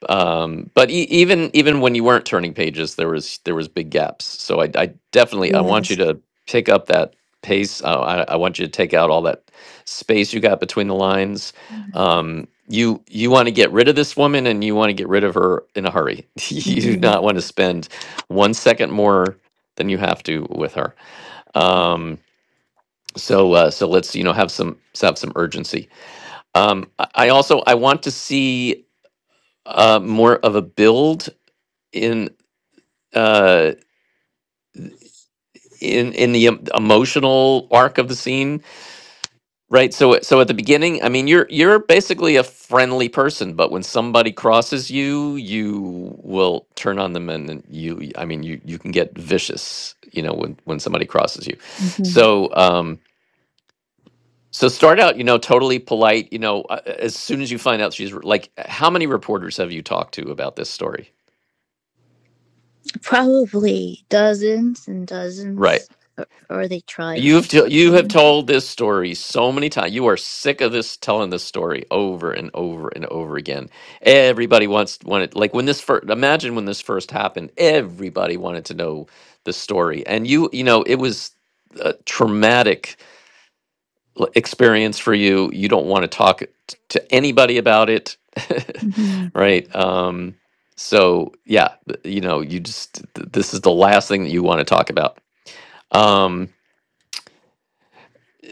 Speaker 4: um but e- even even when you weren't turning pages there was there was big gaps so i, I definitely i want you
Speaker 5: Yes.
Speaker 4: to pick up that pace uh, I, I want you to take out all that space you got between the lines um you you want to get rid of this woman and you want to get rid of her in a hurry you do
Speaker 5: Mm-hmm.
Speaker 4: not want to spend one second more than you have to with her um so uh, so let's you know have some have some urgency um i I also i want to see uh, more of a build in uh in in the em- emotional arc of the scene right so so at the beginning i mean you're you're basically a friendly person but when somebody crosses you you will turn on them and, and you i mean you you can get vicious you know when when somebody crosses you
Speaker 5: hmm
Speaker 4: so um so start out you know totally polite you know uh, as soon as you find out she's re- like how many reporters have you talked to about this story
Speaker 5: Probably dozens and
Speaker 4: right
Speaker 5: dozens, or, or they
Speaker 4: So
Speaker 5: tried to
Speaker 4: You've t-
Speaker 5: talk to
Speaker 4: you have
Speaker 5: me.
Speaker 4: told this story so many times. You are sick of this telling this story over and over and over again. Everybody wants wanted like when this first imagine when this first happened. Everybody wanted to know the story, and you you know it was a traumatic l- experience for you. You don't want to talk it t- to anybody about it,
Speaker 5: Mm-hmm.
Speaker 4: right? Um, so yeah, th- you know you just th- this is the last thing that you want to talk about. Um,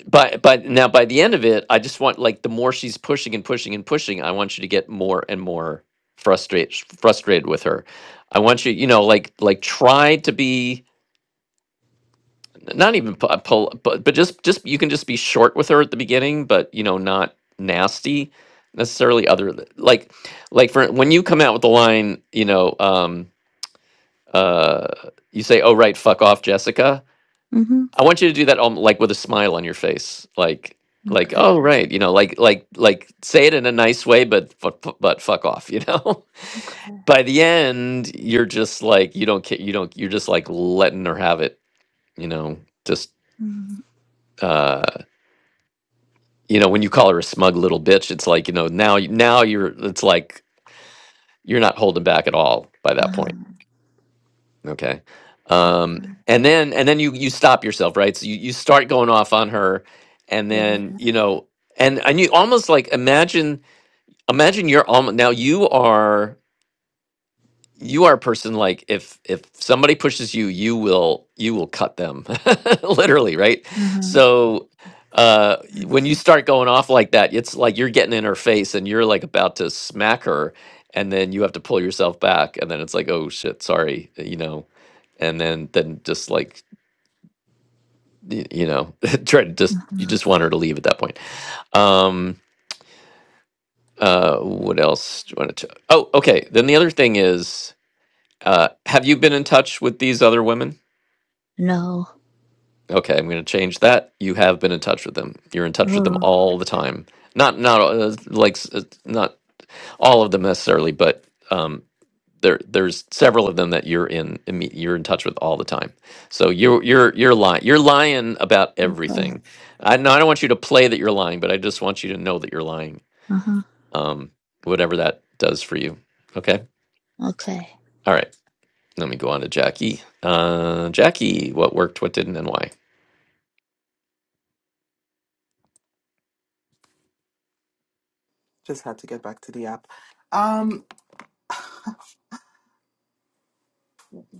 Speaker 4: But but now by the end of it, I just want like the more she's pushing and pushing and pushing, I want you to get more and more frustrated frustrated with her. I want you, you know, like like try to be not even pu- pull, but but just just you can just be short with her at the beginning, but you know, not nasty necessarily. Other th- like like for when you come out with the line, you know, um, uh, you say, "Oh right, fuck off, Jessica."
Speaker 5: Mm-hmm.
Speaker 4: I want you to do that um, like with a smile on your face, like like
Speaker 5: Okay.
Speaker 4: oh right, you know, like like like say it in a nice way, but but, but fuck off, you know.
Speaker 5: Okay.
Speaker 4: By the end, you're just like you don't care, you don't you're just like letting her have it, you know. Just
Speaker 5: Mm-hmm.
Speaker 4: uh, you know, when you call her a smug little bitch, it's like you know now you- now you're it's like you're not holding back at all by that point.
Speaker 5: Uh-huh.
Speaker 4: Okay. Um, and then and then you you stop yourself, right? So you, you start going off on her, and
Speaker 5: Yeah.
Speaker 4: then you know, and and you almost like imagine imagine you're almost now you are you are a person like if if somebody pushes you, you will you will cut them literally, right?
Speaker 5: Uh-huh.
Speaker 4: So uh y- when you start going off like that it's like you're getting in her face and you're like about to smack her and then you have to pull yourself back and then it's like oh shit sorry you know and then then just like y- you know try to just you
Speaker 5: Uh-huh.
Speaker 4: just want her to leave at that point um uh what else do you want to oh okay then the other thing is uh have you been in touch with these other women
Speaker 5: No.
Speaker 4: okay i'm going to change that you have been in touch with them you're in touch with them
Speaker 5: Oh.
Speaker 4: all the time not not uh, like s- uh, not all of them necessarily but um there there's several of them that you're in imme- you're in touch with all the time. So you're you're you're lying you're lying about
Speaker 5: Okay.
Speaker 4: everything. I no, I don't want you to play that you're lying, but I just want you to know that you're lying.
Speaker 5: Uh huh.
Speaker 4: Um, whatever that does for you. Okay.
Speaker 5: Okay.
Speaker 4: All right. Let me go on to Jackie. Uh, Jackie, what worked, what didn't, and why?
Speaker 2: Just had to get back to the app. Um,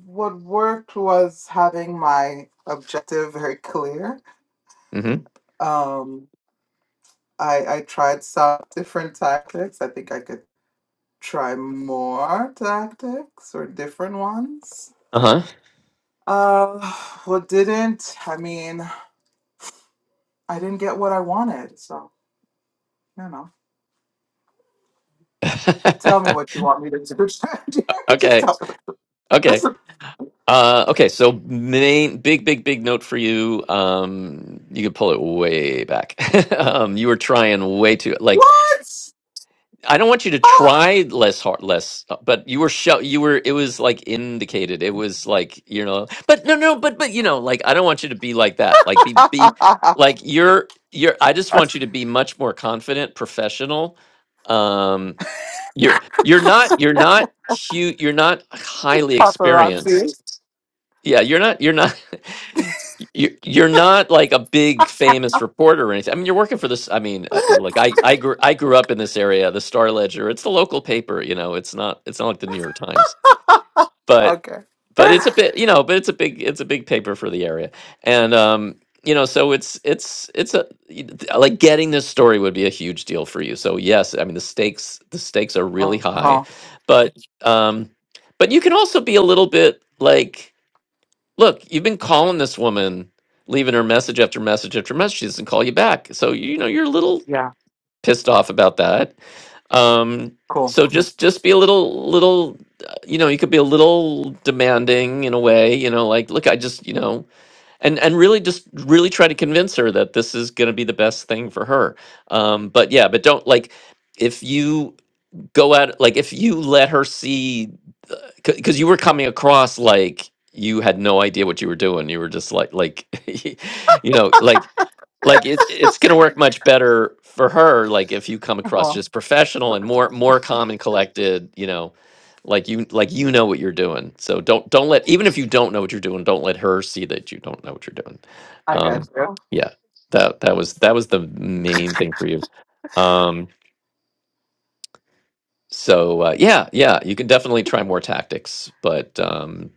Speaker 2: what worked was having my objective very clear
Speaker 4: Mm-hmm.
Speaker 2: Um, I I tried some different tactics. I think I could try more tactics or different ones.
Speaker 4: Uh
Speaker 2: Uh, what didn't? I mean, I didn't get what I wanted. So you know, tell me
Speaker 4: huh.
Speaker 2: what you want me to do. Jerry. Just
Speaker 4: okay.
Speaker 2: tell me.
Speaker 4: Okay. Uh, okay, so main big big big note for you. Um, you could pull it way back. um, you were trying way too like
Speaker 2: What?
Speaker 4: I don't want you to
Speaker 2: Ah!
Speaker 4: try less hard less, uh, but you were show you were it was like indicated. It was like you know, but no no but but you know like I don't want you to be like that. Like be be like you're you're. I just want you to be much more confident, professional. Um, you're you're not you're not huge. You're not highly experienced
Speaker 2: Paparazzi.
Speaker 4: yeah, you're not you're not you're you're not like a big famous reporter or anything. I mean, you're working for this. I mean, uh, you like I I grew I grew up in this area, the Star Ledger. It's the local paper, you know. It's not it's not like the New York Times, but
Speaker 2: Okay.
Speaker 4: but it's a bit you know, but it's a big it's a big paper for the area, and um you know, so it's it's it's a y- th- uh, like getting this story would be a huge deal for you. So yes, I mean the stakes the stakes are really
Speaker 2: Uh
Speaker 4: high,
Speaker 2: huh.
Speaker 4: but um but you can also be a little bit like. Look, you've been calling this woman, leaving her message after message after message. She doesn't call you back. So, you know, you're a little
Speaker 2: Yeah.
Speaker 4: pissed off about that. Um,
Speaker 2: Cool.
Speaker 4: so just just be a little little uh, you know you could be a little demanding in a way you know like look i just you know and and really just really try to convince her that this is going to be the best thing for her um but yeah but don't like if you go out like if you let her see because you were coming across like you had no idea what you were doing. You were just like, like, you know, like, like it, it's going to work much better for her. Like if you come
Speaker 2: Uh
Speaker 4: across
Speaker 2: huh.
Speaker 4: just professional and more, more calm and collected, you know, like you, like you know what you're doing. So don't, don't let even if you don't know what you're doing, don't let her see that you don't know what you're doing.
Speaker 2: I got
Speaker 4: Um,
Speaker 2: you.
Speaker 4: yeah, that that was that was the main thing for you. Um, so uh, yeah, yeah, you can definitely try more tactics, but um,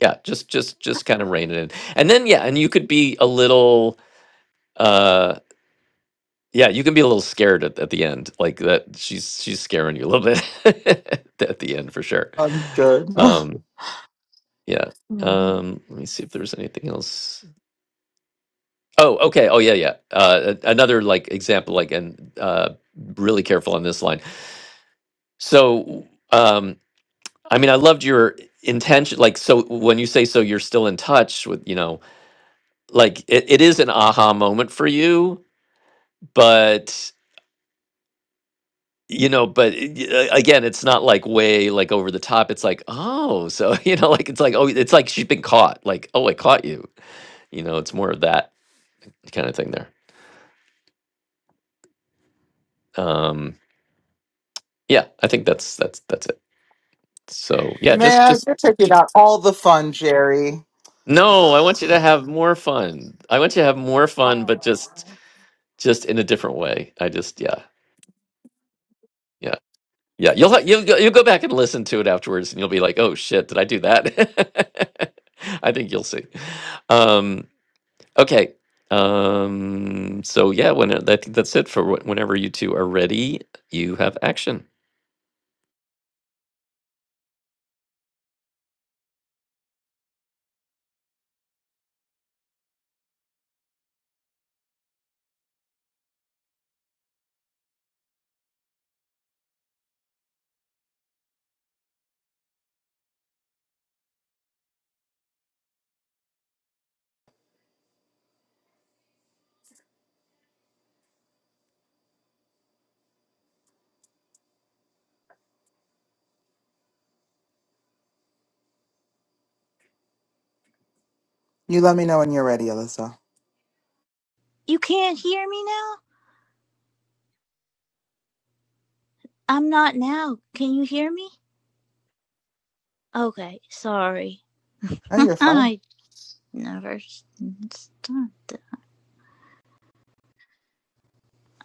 Speaker 4: yeah just just just kind of rein it in and then yeah and you could be a little uh yeah you can be a little scared at, at the end like that she's she's scaring you a little bit at the end for sure
Speaker 2: I'm good.
Speaker 4: um yeah um let me see if there's anything else oh okay oh yeah yeah uh a- another like example like and uh really careful on this line so um i mean i loved your intention like so when you say so you're still in touch with you know like it, it is an aha moment for you but you know but it- y- uh, again it's not like way like over the top it's like oh so you know like it's like oh it's like she's been caught like oh i caught you you know it's more of that kind of thing there um yeah i think that's that's that's it so yeah just
Speaker 2: Man,
Speaker 4: just,
Speaker 2: you're taking
Speaker 4: just
Speaker 2: out all the fun, Jerry.
Speaker 4: no i want you to have more fun i want you to have more fun but just just in a different way i just yeah yeah Yeah, you'll ha- you'll go, you'll go back and listen to it afterwards, and you'll be like, "Oh shit, did I do that?" I think you'll see. Um, okay, um, so yeah, when I think that's it for wh- whenever you two are ready, you have action.
Speaker 2: You let me know when you're ready, Alyssa.
Speaker 5: You can't hear me now. I'm not now. Can you hear me? Okay. Sorry.
Speaker 2: No, you're fine.
Speaker 5: I Never s- start.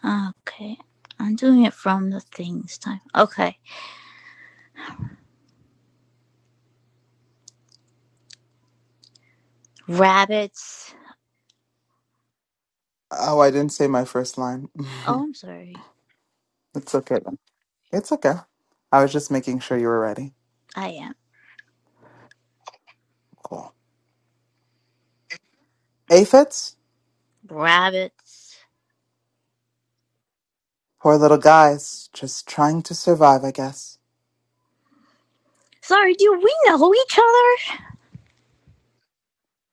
Speaker 5: Okay, I'm doing it from the things time. Okay, rabbits.
Speaker 2: Oh, I didn't say my first line.
Speaker 5: Oh, I'm sorry.
Speaker 2: it's okay. It's okay. I was just making sure you were ready.
Speaker 5: I am
Speaker 2: Cool. Aphids?
Speaker 5: rabbits.
Speaker 2: Poor little guys. Just trying to survive, I guess.
Speaker 5: Sorry, do we know each other?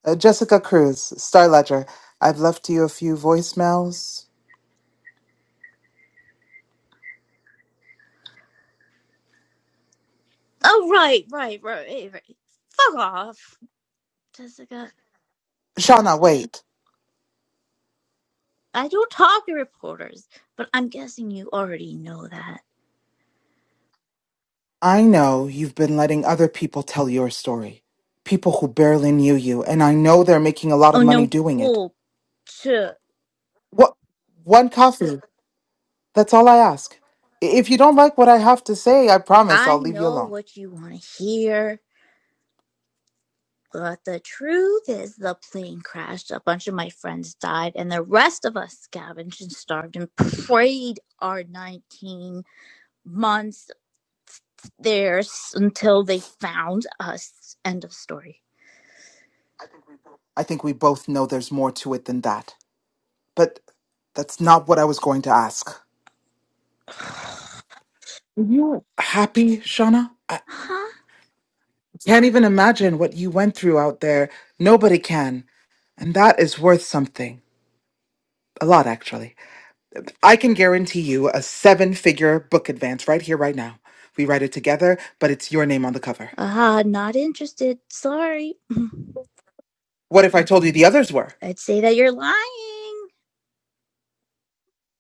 Speaker 2: Uh, Jessica Cruz, Star Ledger. I've left you a few voicemails.
Speaker 5: Oh, right, right, right, right. right. Fuck off, Jessica.
Speaker 2: Shauna, wait.
Speaker 5: I don't talk to reporters, but I'm guessing you already know that.
Speaker 2: I know you've been letting other people tell your story. People who barely knew you, and I know they're making a lot of
Speaker 5: Oh
Speaker 2: money
Speaker 5: no,
Speaker 2: doing it.
Speaker 5: well,
Speaker 2: What one coffee? That's all I ask. I- If you don't like what I have to say, I promise I'll
Speaker 5: I
Speaker 2: leave you
Speaker 5: know
Speaker 2: alone.
Speaker 5: what you want to hear. But the truth is, the plane crashed. A bunch of my friends died, and the rest of us scavenged and starved and prayed our 19 months there until they found us. End of story.
Speaker 2: I think we both know there's more to it than that. But that's not what I was going to ask.
Speaker 5: huh?
Speaker 2: Happy, Shauna? I can't even imagine what you went through out there. Nobody can. And that is worth something. A lot, actually. I can guarantee you a seven figure book advance right here, right now. We write it together, but it's your name on the cover.
Speaker 5: Uh, not interested. Sorry.
Speaker 2: What if I told you the others were?
Speaker 5: I'd say that you're lying.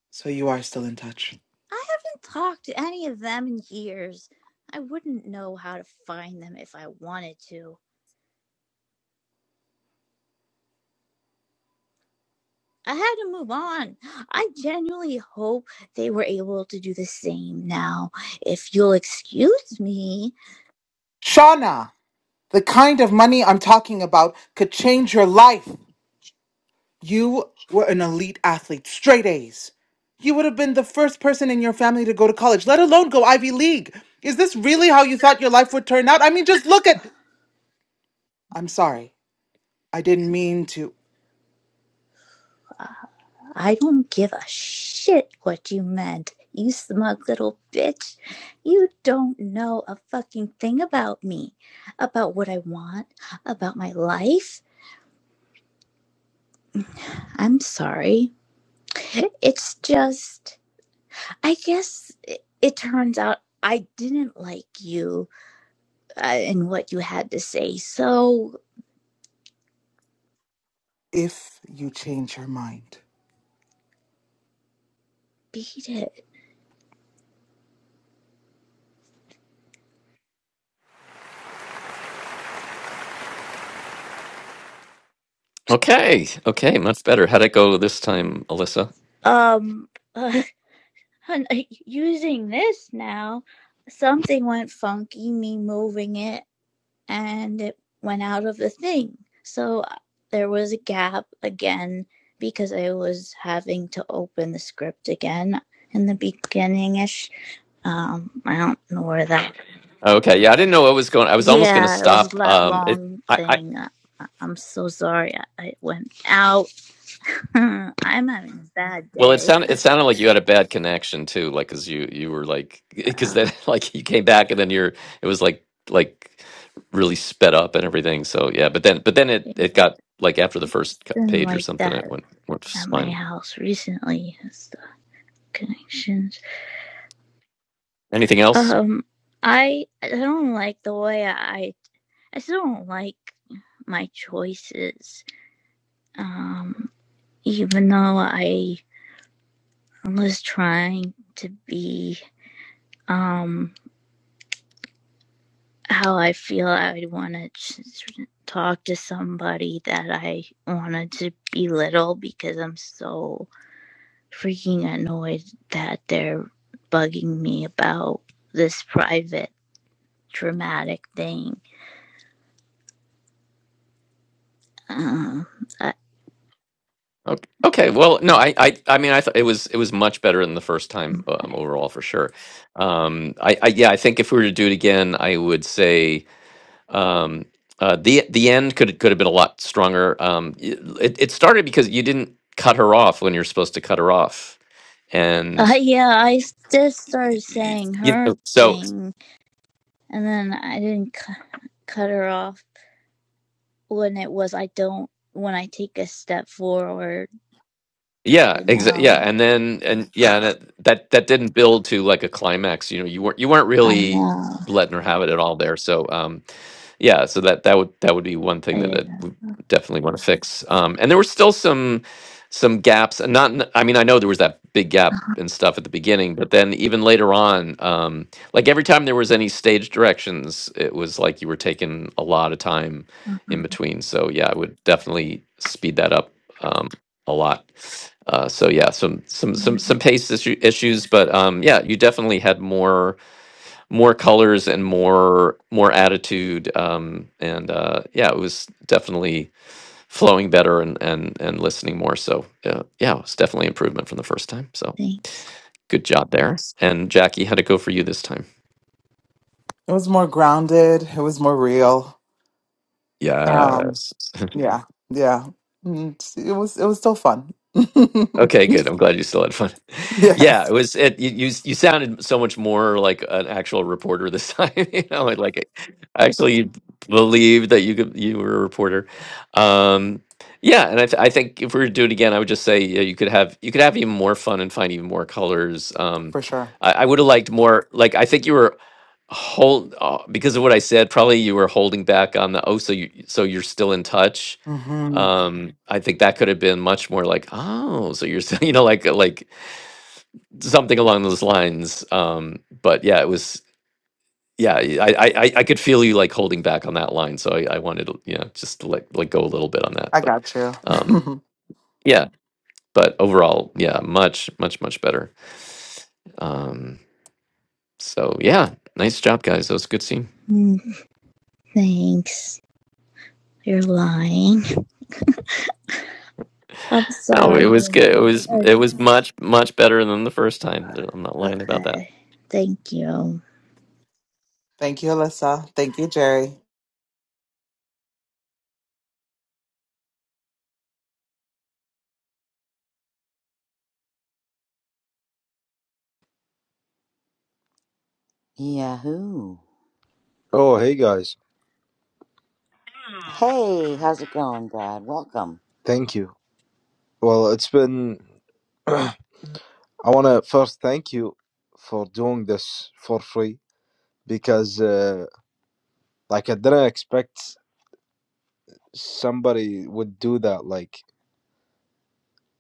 Speaker 2: So you are still in touch.
Speaker 5: I haven't talked to any of them in years. I wouldn't know how to find them if I wanted to. I had to move on. I genuinely hope they were able to do the same now. If you'll excuse me,
Speaker 2: Shauna, the kind of money I'm talking about could change your life. You were an elite athlete, straight A's. You would have been the first person in your family to go to college, let alone go Ivy League. Is this really how you thought your life would turn out? I mean, just look at. I'm sorry. I didn't mean to.
Speaker 5: uh, I don't give a shit what you meant. You smug little bitch. You don't know a fucking thing about me, about what I want, about my life. I'm sorry. It's just, I guess it, it turns out I didn't like you uh, and what you had to say, so
Speaker 2: If you change your mind.
Speaker 5: beat it.
Speaker 4: Okay, okay, much better. How'd it go this time, Alyssa?
Speaker 5: Um, hun, using this now, something went funky, me moving it, and it went out of the thing. So uh, there was a gap again because I was having to open the script again in the beginning ish. Um, I don't know where that.
Speaker 4: Okay, yeah, I didn't know what was going. I was almost going to
Speaker 5: Yeah, it was
Speaker 4: stop.
Speaker 5: that
Speaker 4: Um, it,
Speaker 5: long
Speaker 4: I, I
Speaker 5: thing. I, I- am so sorry. I, I went out. I'm having a bad
Speaker 4: Well, it
Speaker 5: day.
Speaker 4: sounded it sounded like you had a bad connection too, like because you you were like because
Speaker 5: Uh,
Speaker 4: then like you came back and then you're it was like like really sped up and everything. So yeah, but then but then it
Speaker 5: yeah,
Speaker 4: it
Speaker 5: it's
Speaker 4: got like after the first cu-
Speaker 5: been
Speaker 4: page or
Speaker 5: like
Speaker 4: something,
Speaker 5: that
Speaker 4: it went went
Speaker 5: at my
Speaker 4: fine.
Speaker 5: house recently and stuff connections.
Speaker 4: Anything else?
Speaker 5: Um, I I don't like the way I I still don't like my choices. Um, even though I was trying to be um how I feel I would want to talk to somebody that I wanted to belittle because I'm so freaking annoyed that they're bugging me about this private dramatic thing. Um, I,
Speaker 4: Okay. Okay. Well, no, I I I mean I thought it was it was much better than the first time um, overall for sure. Um, I, I yeah, I think if we were to do it again, I would say. um uh the the end could could have been a lot stronger um y- it, it started because you didn't cut her off when you're supposed to cut her off
Speaker 5: I,
Speaker 4: and
Speaker 5: yeah, I just started
Speaker 4: y-
Speaker 5: saying
Speaker 4: you
Speaker 5: her
Speaker 4: know, so
Speaker 5: thing, and then I didn't cu- cut her off when it was I don't when I take a step forward.
Speaker 4: yeah
Speaker 5: I
Speaker 4: exa- yeah
Speaker 5: know,
Speaker 4: and then and yeah and it, that that didn't build to like a climax you know you weren't you weren't
Speaker 5: I
Speaker 4: really
Speaker 5: know.
Speaker 4: letting her have it at all there so um yeah so that that would that would be one thing that
Speaker 5: Yeah.
Speaker 4: I would definitely want to fix um and there were still some some gaps and not n- i mean i know there was that big gap and stuff at the beginning but then even later on um like every time there was any stage directions it was like you were taking a lot of time in between so yeah i would definitely speed that up um a lot uh so yeah some some some some pace issue, issues but um yeah you definitely had more more colors and more more attitude um and uh yeah it was definitely flowing better and and and listening more so uh, yeah it was definitely improvement from the first time so
Speaker 5: Thank-
Speaker 4: good job there Nice. and jackie how to go for you this time
Speaker 2: It was more grounded. It was more real. Um,
Speaker 4: yes
Speaker 2: yeah, yeah. Mm, It was it was still fun.
Speaker 4: Okay, good. I'm glad you still had fun. Yeah, it
Speaker 2: yes,
Speaker 4: was it you you, you sounded so much more like an actual reporter this time, you know, and like I actually believed that you could you were a reporter. Um yeah, and I, th- I think if we were to do it again, I would just say yeah, you could have you could have even more fun and find even more colors. Um
Speaker 2: for sure.
Speaker 4: I, I would have liked more like I think you were hold uh, because of what I said, probably you were holding back on the oh so you so you're still in touch
Speaker 2: hmm
Speaker 4: um i think that could have been much more like oh so you're saying you know like like something along those lines um but yeah it was yeah y- i i i I could feel you like holding back on that line so i i wanted to you know just to let, let go a little bit on that
Speaker 2: I
Speaker 4: but
Speaker 2: got you.
Speaker 4: um yeah but overall yeah much much much better um so yeah nice job guys that was a good scene
Speaker 5: mm, Thanks. You're lying. I'm
Speaker 4: no it was
Speaker 5: sorry.
Speaker 4: good it was it
Speaker 5: Um,
Speaker 4: was much much better than the first time i'm not lying about that
Speaker 5: Okay. Thank you.
Speaker 2: Thank you, Alyssa. Thank you, Jerry.
Speaker 1: Yahoo.
Speaker 6: Oh, hey guys.
Speaker 1: Hey, how's it going, Brad? Welcome.
Speaker 6: Thank you. Well, it's been. I want to first thank you for doing this for free because, uh, like, I didn't expect somebody would do that, like,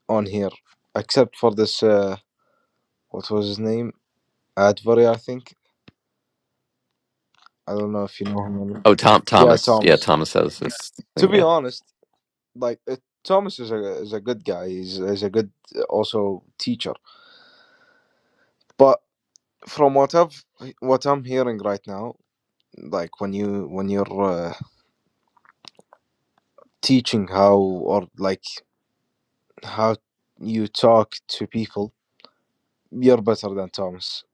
Speaker 6: on here, except for this, uh, what was his name? Advery, I think. I don't know if you know him. Or not.
Speaker 4: oh tom
Speaker 6: Yeah,
Speaker 4: thomas yeah
Speaker 6: Thomas.
Speaker 4: thomas has this
Speaker 6: To
Speaker 4: thing
Speaker 6: be
Speaker 4: yeah
Speaker 6: honest, like, uh, Thomas is a, is a good guy. He's, he's a good, uh, also, teacher. But from what I've, what I'm hearing right now, like when you when you're uh, teaching how or like how you talk to people you're better than thomas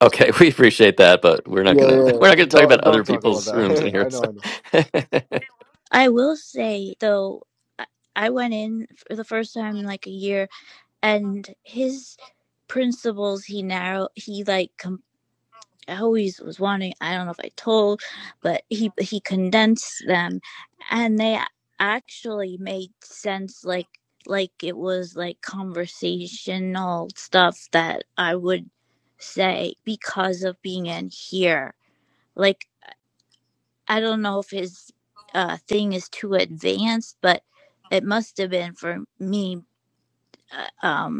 Speaker 4: Okay, we appreciate that, but we're not
Speaker 6: yeah
Speaker 4: gonna we're not
Speaker 6: yeah
Speaker 4: gonna talk about
Speaker 6: don't
Speaker 4: other
Speaker 6: don't talk about
Speaker 4: people's rooms in
Speaker 6: that
Speaker 4: here.
Speaker 6: i
Speaker 4: so.
Speaker 6: know i know
Speaker 5: I will say though, I I went in for the first time in like a year and his principles he narrow he like com- I always was wanting I don't know if I told but he he condensed them and they actually made sense like like it was like conversational stuff that I would say because of being in here like I don't know if his uh thing is too advanced but it must have been for me Uh, um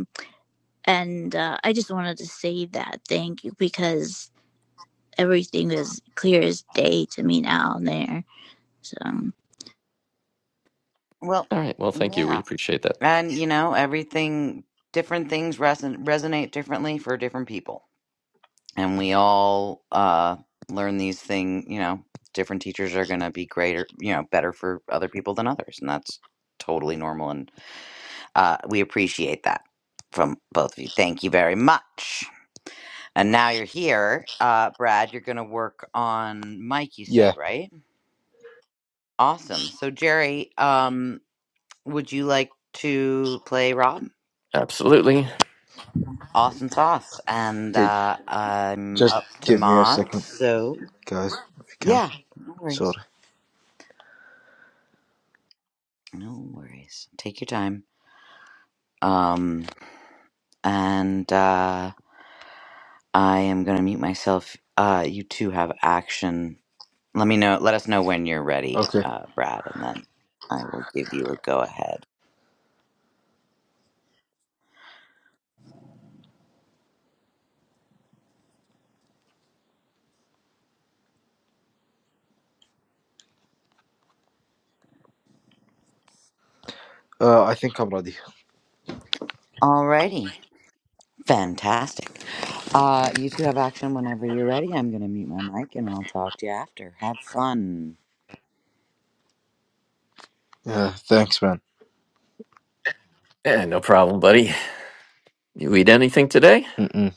Speaker 5: And uh, I just wanted to say that thank you because everything is clear as day to me now and there. So
Speaker 1: Well,
Speaker 4: All right. Well, thank you. We
Speaker 1: yeah.
Speaker 4: appreciate that.
Speaker 1: And you know, everything different things reson- resonate differently for different people. And we all uh learn these things, you know, different teachers are going to be greater, you know, better for other people than others, and that's totally normal Uh, we appreciate that from both of you. Thank you very much. And now you're here, uh, Brad. You're going to work on Mike. You said
Speaker 6: yeah
Speaker 1: right. Awesome. So Jerry, um, would you like to play Rob?
Speaker 4: Absolutely.
Speaker 1: Awesome sauce. And
Speaker 6: okay
Speaker 1: uh, I'm
Speaker 6: just
Speaker 1: up to
Speaker 6: give me a
Speaker 1: mod.
Speaker 6: second
Speaker 1: So
Speaker 6: guys if you can
Speaker 1: yeah, no worries.
Speaker 6: sorry
Speaker 1: No worries. Take your time. Um, and uh, I am going to mute myself. Uh, you two have action Let me know. Let us know when you're ready,
Speaker 6: okay
Speaker 1: uh, Brad, and then I will give you a go ahead.
Speaker 6: uh i think i'm ready
Speaker 1: Alrighty, fantastic. Uh, you two have action whenever you're ready. I'm gonna mute my mic and I'll talk to you after. Have fun.
Speaker 6: yeah thanks man
Speaker 4: Yeah, no problem, buddy. You eat anything today?
Speaker 6: Mm-mm.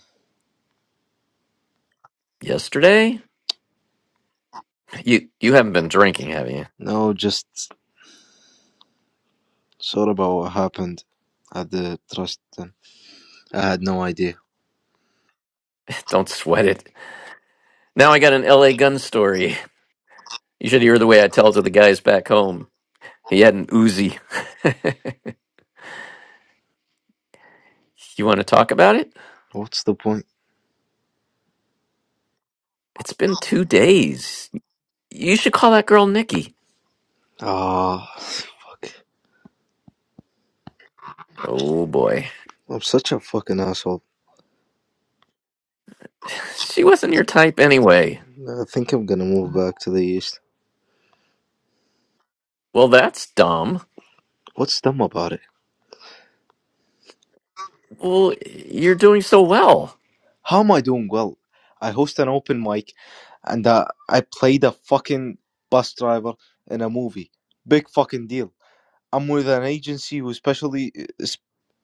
Speaker 4: Yesterday? You you haven't been drinking, have you?
Speaker 6: no just sorry about what happened at the trust then i had no idea
Speaker 4: Don't sweat it. Now I got an LA gun story. You should hear the way I tell to the guys back home. He had an Uzi. you want to talk about it?
Speaker 6: what's the point
Speaker 4: It's been two days. You should call that girl Nikki.
Speaker 6: ah fuck.
Speaker 4: Oh boy.
Speaker 6: i'm such a fucking asshole
Speaker 4: She wasn't your type anyway.
Speaker 6: I think I'm gonna move back to the east.
Speaker 4: Well, that's dumb.
Speaker 6: What's dumb about it?
Speaker 4: Well, you're doing so well.
Speaker 6: How am I doing well? I host an open mic, and uh, I played a fucking bus driver in a movie. Big fucking deal. I'm with an agency who specially s-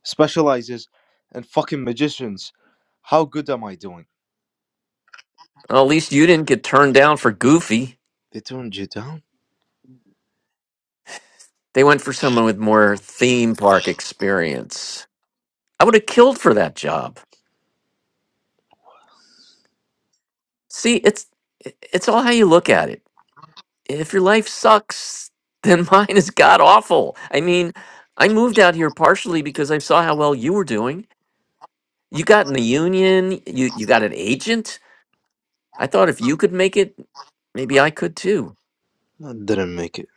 Speaker 6: specializes in fucking magicians. How good am I doing?
Speaker 4: Well, at least you didn't get turned down for Goofy.
Speaker 6: They turned you down?
Speaker 4: They went for someone with more theme park experience. I would have killed for that job. See, it's it's all how you look at it. If your life sucks, then mine is god awful. I mean, I moved out here partially because I saw how well you were doing. You got in the union, you you got an agent. I thought if you could make it, maybe I could too.
Speaker 6: I didn't make it.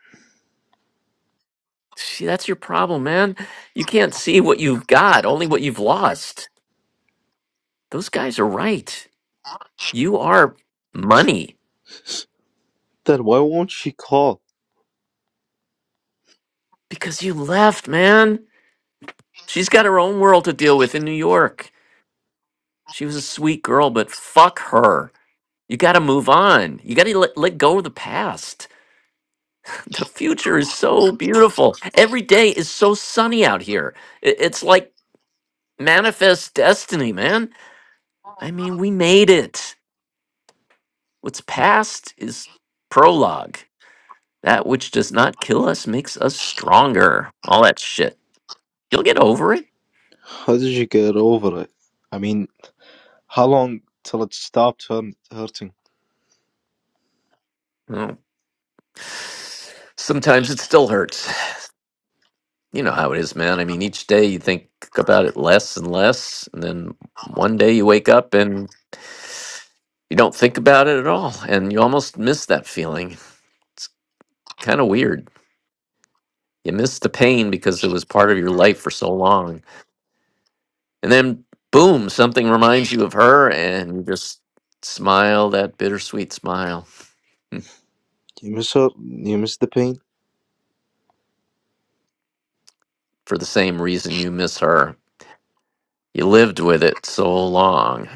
Speaker 4: See, that's your problem, man. You can't see what you've got, only what you've lost. Those guys are right. You are money
Speaker 6: Then why won't she call?
Speaker 4: because you left, man. She's got her own world to deal with in New York. She was a sweet girl, but fuck her. You got to move on. You got to let, let go of the past. The future is so beautiful. Every day is so sunny out here. I- It's like manifest destiny, man. I mean, we made it. What's past is prologue. That which does not kill us makes us stronger. All that shit. You'll get over it.
Speaker 6: How did you get over it? I mean, how long till it stopped hurt- hurting?
Speaker 4: Oh. Sometimes it still hurts. You know how it is, man. I mean, each day you think about it less and less, and then one day you wake up and you don't think about it at all, and you almost miss that feeling. It's kind of weird. You miss the pain because it was part of your life for so long. And then, boom, something reminds you of her, and you just smile that bittersweet smile
Speaker 6: You miss her? You miss the pain?
Speaker 4: for the same reason you miss her. You lived with it so long.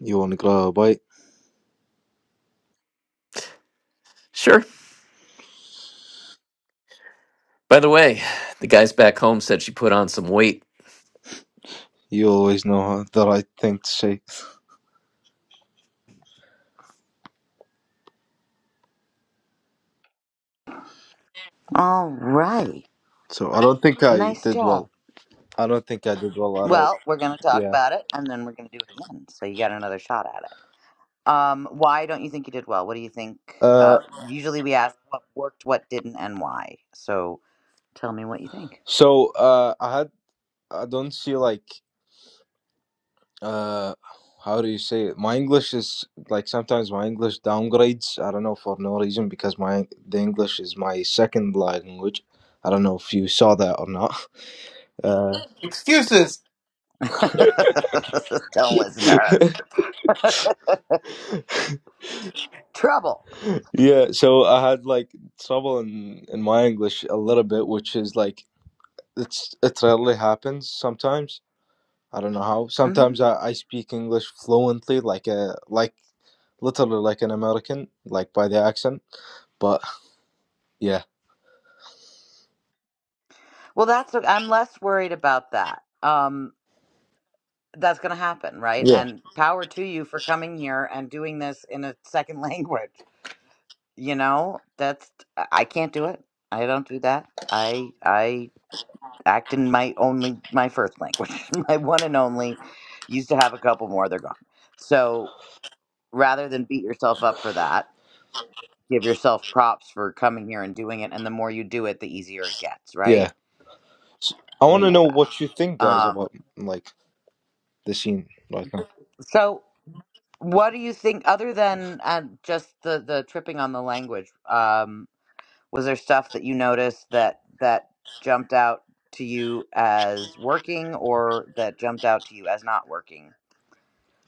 Speaker 6: You want to grow a bite?
Speaker 4: Sure. By the way, the guys back home said she put on some weight.
Speaker 6: You always know the right thing to say.
Speaker 1: All right,
Speaker 6: So I don't think I
Speaker 1: nice
Speaker 6: did
Speaker 1: job.
Speaker 6: well. I don't think I did well at all.
Speaker 1: Well, we're gonna talk
Speaker 6: Yeah.
Speaker 1: about it and then we're gonna do it again. So you got another shot at it. Um, why don't you think you did well? What do you think?
Speaker 6: Uh.
Speaker 1: Uh, usually we ask what worked, what didn't, and why. So tell me what you think.
Speaker 6: So uh, I had I don't see like uh, how do you say it? My English is like sometimes my English downgrades. I don't know for no reason because my the English is my second language. I don't know if you saw that or not. Uh,
Speaker 2: Excuses.
Speaker 1: don't listen to her. trouble.
Speaker 6: yeah, so I had like trouble in in my English a little bit, which is like it's it rarely happens sometimes i don't know how
Speaker 1: hmm
Speaker 6: sometimes i, I speak english fluently like a like literally like an american like by the accent but yeah
Speaker 1: Well, that's I'm less worried about that. Um, that's going to happen, right?
Speaker 6: yeah
Speaker 1: And power to you for coming here and doing this in a second language. You know, that's I can't do it. I don't do that. I I act in my only my first language, my one and only. Used to have a couple more, they're gone. So rather than beat yourself up for that, give yourself props for coming here and doing it. And the more you do it, the easier it gets,
Speaker 6: yeah
Speaker 1: right?
Speaker 6: S i I
Speaker 1: We
Speaker 6: want to
Speaker 1: know
Speaker 6: know
Speaker 1: that.
Speaker 6: what you think guys
Speaker 1: Um,
Speaker 6: about like the scene right now
Speaker 1: So, what do you think, other than uh, just the the tripping on the language? Um, was there stuff that you noticed that that jumped out to you as working, or that jumped out to you as not working?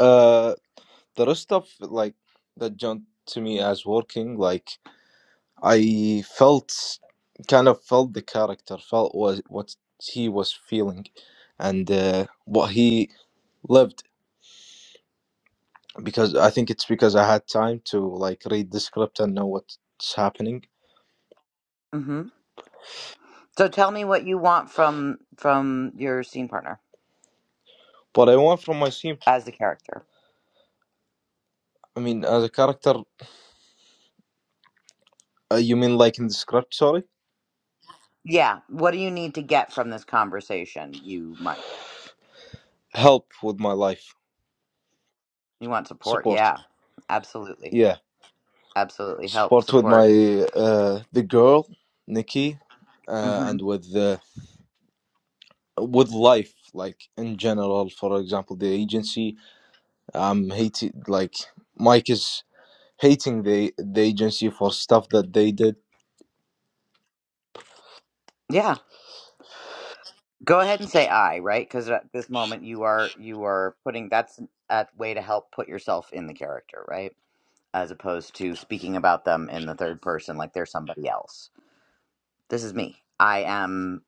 Speaker 6: uh the rest of like that jumped to me as working like i felt kind of felt the character felt was what he was feeling and uh, what he lived because I think it's because I had time to like read the script and know what's happening.
Speaker 1: hmm So, tell me what you want from from your scene partner
Speaker 6: What I want from my team,
Speaker 1: as the character.
Speaker 6: I mean, as a character, uh, you mean like in the script? Sorry,
Speaker 1: Yeah, what do you need to get from this conversation, you, Mike?
Speaker 6: help with my life,
Speaker 1: You want support.
Speaker 6: support.
Speaker 1: Yeah. Absolutely.
Speaker 6: Yeah,
Speaker 1: Absolutely. Help,
Speaker 6: support with my
Speaker 1: support.
Speaker 6: uh, the girl, Nikki, uh,
Speaker 1: hmm
Speaker 6: and with the with life, like in general. For example, the agency. I'm hating like Mike is hating the the agency for stuff that they did.
Speaker 1: Yeah. Go ahead and say I, right? Because at this moment you are you are putting that's a way to help put yourself in the character, right? As opposed to speaking about them in the third person like they're somebody else. This is me. I am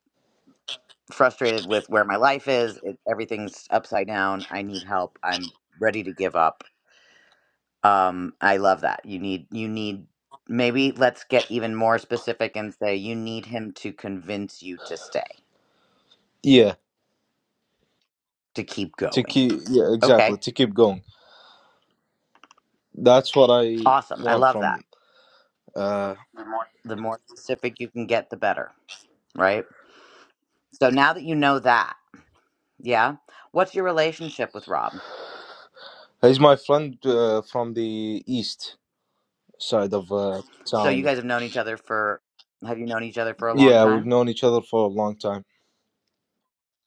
Speaker 1: frustrated with where my life is. It, everything's upside down. I need help. I'm ready to give up Um, I love that. You need you need maybe let's get even more specific and say you need him to convince you to stay,
Speaker 6: Yeah,
Speaker 1: to keep
Speaker 6: to
Speaker 1: going.
Speaker 6: keep yeah exactly
Speaker 1: Okay.
Speaker 6: to keep going That's what I
Speaker 1: Awesome. I
Speaker 6: want
Speaker 1: love that.
Speaker 6: from. Uh,
Speaker 1: The more specific you can get the better, right? So now that you know that, yeah. What's your relationship with Rob?
Speaker 6: he's my friend uh, from the east side of uh,
Speaker 1: So you
Speaker 6: town.
Speaker 1: guys have known each other for have you known each other for a long
Speaker 6: Yeah, we've
Speaker 1: time?
Speaker 6: known each other for a long time.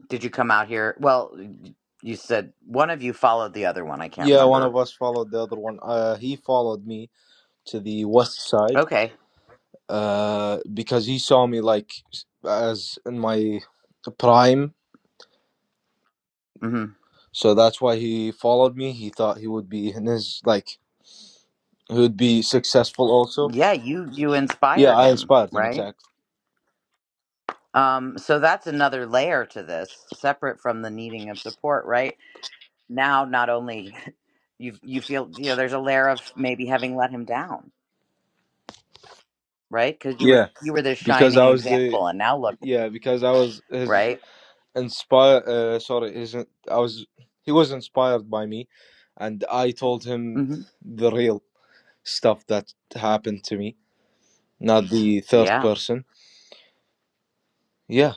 Speaker 1: Did you come out here? Well, y- you said one of you followed the other one. I can't
Speaker 6: Yeah, one of
Speaker 1: remember.
Speaker 6: us followed the other one. Uh, he followed me to the west side
Speaker 1: Okay.
Speaker 6: uh, because he saw me like as in my prime.
Speaker 1: Mhm.
Speaker 6: So that's why he followed me. He thought he would be in his like he would be successful also.
Speaker 1: Yeah, you you
Speaker 6: Yeah,
Speaker 1: inspired
Speaker 6: I
Speaker 1: him,
Speaker 6: inspired him
Speaker 1: right?
Speaker 6: exactly.
Speaker 1: Um, so that's another layer to this, separate from the needing of support, right? Now, not only you you feel you know there's a layer of maybe having let him down, right? Because you were
Speaker 6: Yeah,
Speaker 1: you were this
Speaker 6: because I
Speaker 1: shining
Speaker 6: was the
Speaker 1: example, and now look,
Speaker 6: yeah because I was his
Speaker 1: right?
Speaker 6: inspired uh, sorry his, i was he was inspired by me and i told him
Speaker 1: hmm
Speaker 6: the real stuff that happened to me not the third
Speaker 1: Yeah.
Speaker 6: person yeah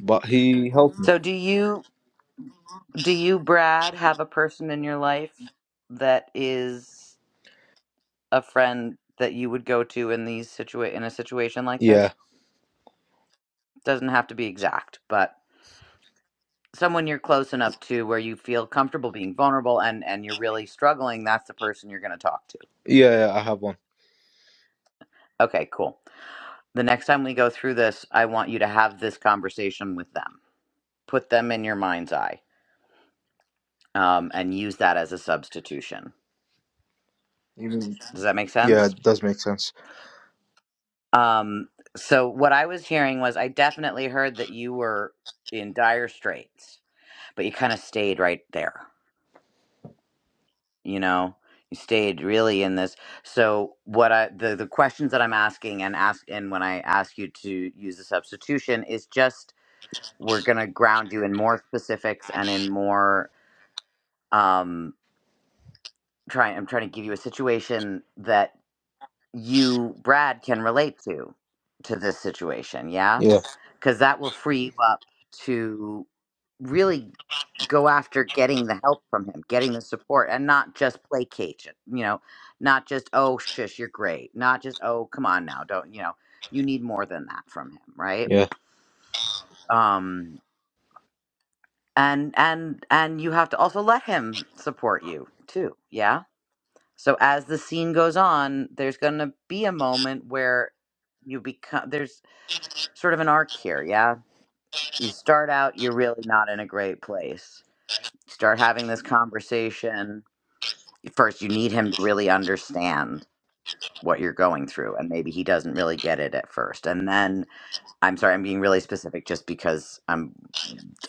Speaker 6: but he helped me
Speaker 1: So do you do you Brad have a person in your life that is a friend that you would go to in these situa in a situation like this?
Speaker 6: yeah
Speaker 1: Doesn't have to be exact, but someone you're close enough to where you feel comfortable being vulnerable and and you're really struggling that's the person you're going to talk to
Speaker 6: yeah, yeah i have one
Speaker 1: okay cool the next time we go through this i want you to have this conversation with them put them in your mind's eye um, and use that as a substitution
Speaker 6: Even-
Speaker 1: does that make
Speaker 6: yeah
Speaker 1: sense
Speaker 6: it does make sense
Speaker 1: um, so what i was hearing was i definitely heard that you were in dire straits but you kind of stayed right there you know you stayed really in this so what i the, the questions that i'm asking and ask and when i ask you to use the substitution is just we're going to ground you in more specifics and in more um trying i'm trying to give you a situation that you brad can relate to to this situation yeah
Speaker 6: yeah
Speaker 1: because that will free you up to really go after getting the help from him, getting the support, and not just placate it. You know, not just oh shush, you're great. Not just oh come on now, don't you know? You need more than that from him, right?
Speaker 6: yeah
Speaker 1: Um, and and and you have to also let him support you too. Yeah. So as the scene goes on, there's going to be a moment where you become there's sort of an arc here, yeah you start out you're really not in a great place you start having this conversation first you need him to really understand what you're going through and maybe he doesn't really get it at first and then i'm sorry i'm being really specific just because i'm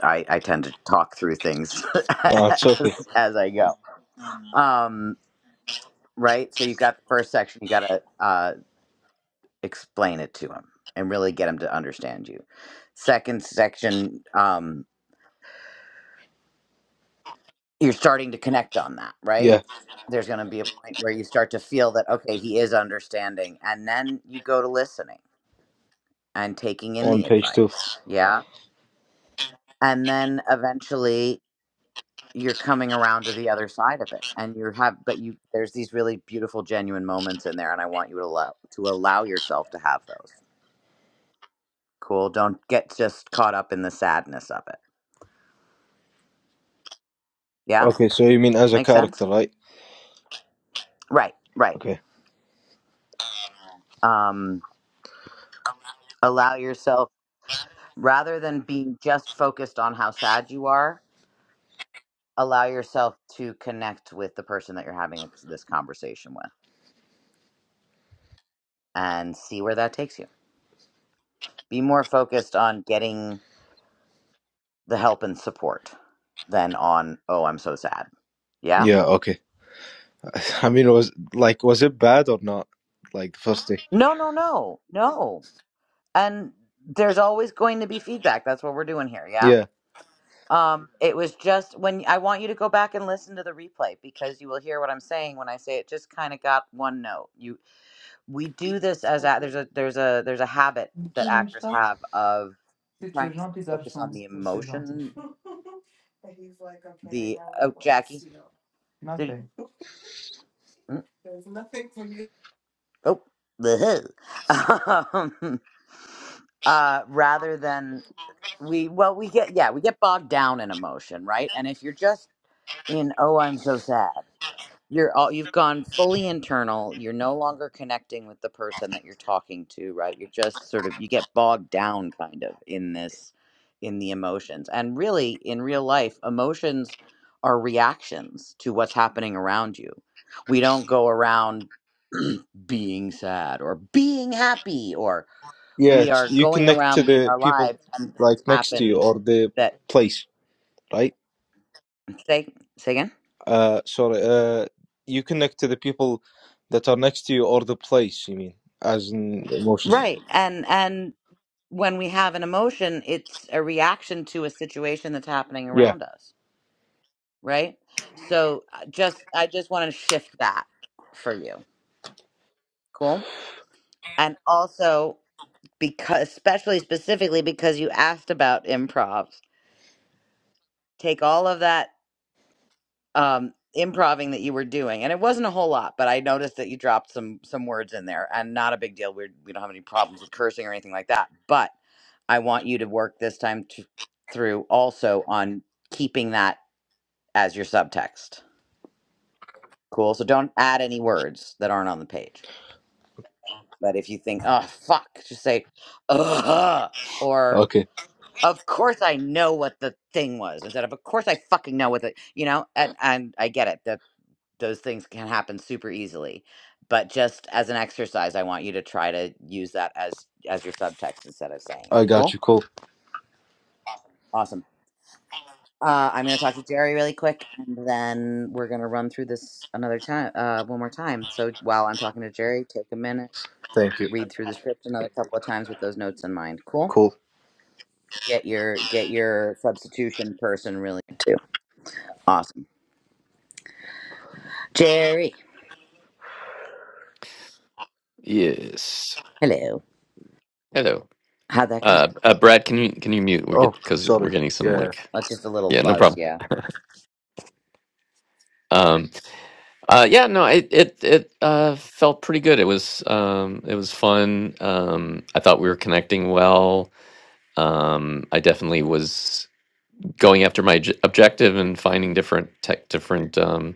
Speaker 1: i, I tend to talk through things
Speaker 6: no it's okay
Speaker 1: as, as i go um right so you've got the first section you got to uh, explain it to him and really get him to understand you second section um, you're starting to connect on that, right?
Speaker 6: yeah
Speaker 1: There's going to be a point where you start to feel that, okay, he is understanding. And then you go to listening and taking in
Speaker 6: on
Speaker 1: the
Speaker 6: page two
Speaker 1: advice. Yeah. And then eventually you're coming around to the other side of it and you have but you there's these really beautiful genuine moments in there and I want you to allow to allow yourself to have those. Cool. Don't get just caught up in the sadness of it. Yeah?
Speaker 6: okay so you mean as a
Speaker 1: Makes sense?
Speaker 6: character right
Speaker 1: Right, right.
Speaker 6: okay
Speaker 1: Um allow yourself rather than being just focused on how sad you are, allow yourself to connect with the person that you're having this conversation with and see where that takes you. Be more focused on getting the help and support than on, oh, I'm so sad. Yeah?
Speaker 6: yeah okay i mean was like was it bad or not like the first day
Speaker 1: No, no, no, no. And there's always going to be feedback. That's what we're doing here. Yeah?
Speaker 6: Yeah.
Speaker 1: Um, it was just when I want you to go back and listen to the replay because you will hear what I'm saying when I say it just kind of got one note. You we do this as a, there's a there's a there's a habit
Speaker 2: Une
Speaker 1: that actors have of
Speaker 2: si
Speaker 1: trying to sort of focus on the emotion. The oh, Jackie, did you, mm, oh the um, uh, rather than we well we get yeah we get bogged down in emotion right and if you're just in oh i'm so sad You're all you've gone fully internal. You're no longer connecting with the person that you're talking to, right? You're just sort of you get bogged down kind of in this in the emotions. And really in real life, emotions are reactions to what's happening around you. We don't go around being sad or being happy or we are
Speaker 6: Yes, you
Speaker 1: going
Speaker 6: connect to
Speaker 1: around living
Speaker 6: the
Speaker 1: our
Speaker 6: people
Speaker 1: lives and
Speaker 6: like
Speaker 1: things
Speaker 6: next to you
Speaker 1: happen
Speaker 6: or the
Speaker 1: that
Speaker 6: place, right?
Speaker 1: say say again.
Speaker 6: Uh, sorry, uh, you connect to the people that are next to you or the place, you mean, as in emotion.
Speaker 1: Right. And and when we have an emotion, it's a reaction to a situation that's happening
Speaker 6: Yeah,
Speaker 1: around us, right? So I just I just want to shift that for you. Cool? And also because especially specifically because you asked about improv, take all of that um improving that you were doing and it wasn't a whole lot but i noticed that you dropped some some words in there and not a big deal we're, we don't have any problems with cursing or anything like that but i want you to work this time to, through also on keeping that as your subtext cool so don't add any words that aren't on the page but if you think oh fuck just say Ugh, or
Speaker 6: okay.
Speaker 1: of course i know what the thing was instead of of course i fucking know what the you know and and i get it those things can happen super easily but just as an exercise i want you to try to use that as as your subtext instead of saying it
Speaker 6: I got
Speaker 1: cool
Speaker 6: you. Cool.
Speaker 1: awesome uh, i'm going to talk to jerry really quick and then we're going to run through this another time uh, one more time so while i'm talking to jerry take a minute
Speaker 6: Thank you.
Speaker 1: read through the script another couple of times with those notes in mind cool
Speaker 6: Cool.
Speaker 1: get your get your substitution person really too awesome jerry
Speaker 4: Yes.
Speaker 1: hello
Speaker 4: Hello.
Speaker 1: how'd that go
Speaker 4: Uh, uh Brad, can you can you mute? We get
Speaker 6: Oh,
Speaker 4: because we're
Speaker 6: sorry.
Speaker 4: getting some
Speaker 6: Yeah,
Speaker 4: like
Speaker 1: uh, just a little
Speaker 4: yeah, no
Speaker 1: buzz
Speaker 4: problem.
Speaker 1: yeah
Speaker 4: Um, uh, yeah, no, it it it uh, felt pretty good. It was um, it was fun. Um, I thought we were connecting well. Um, I definitely was going after my j- objective and finding different tech, different um,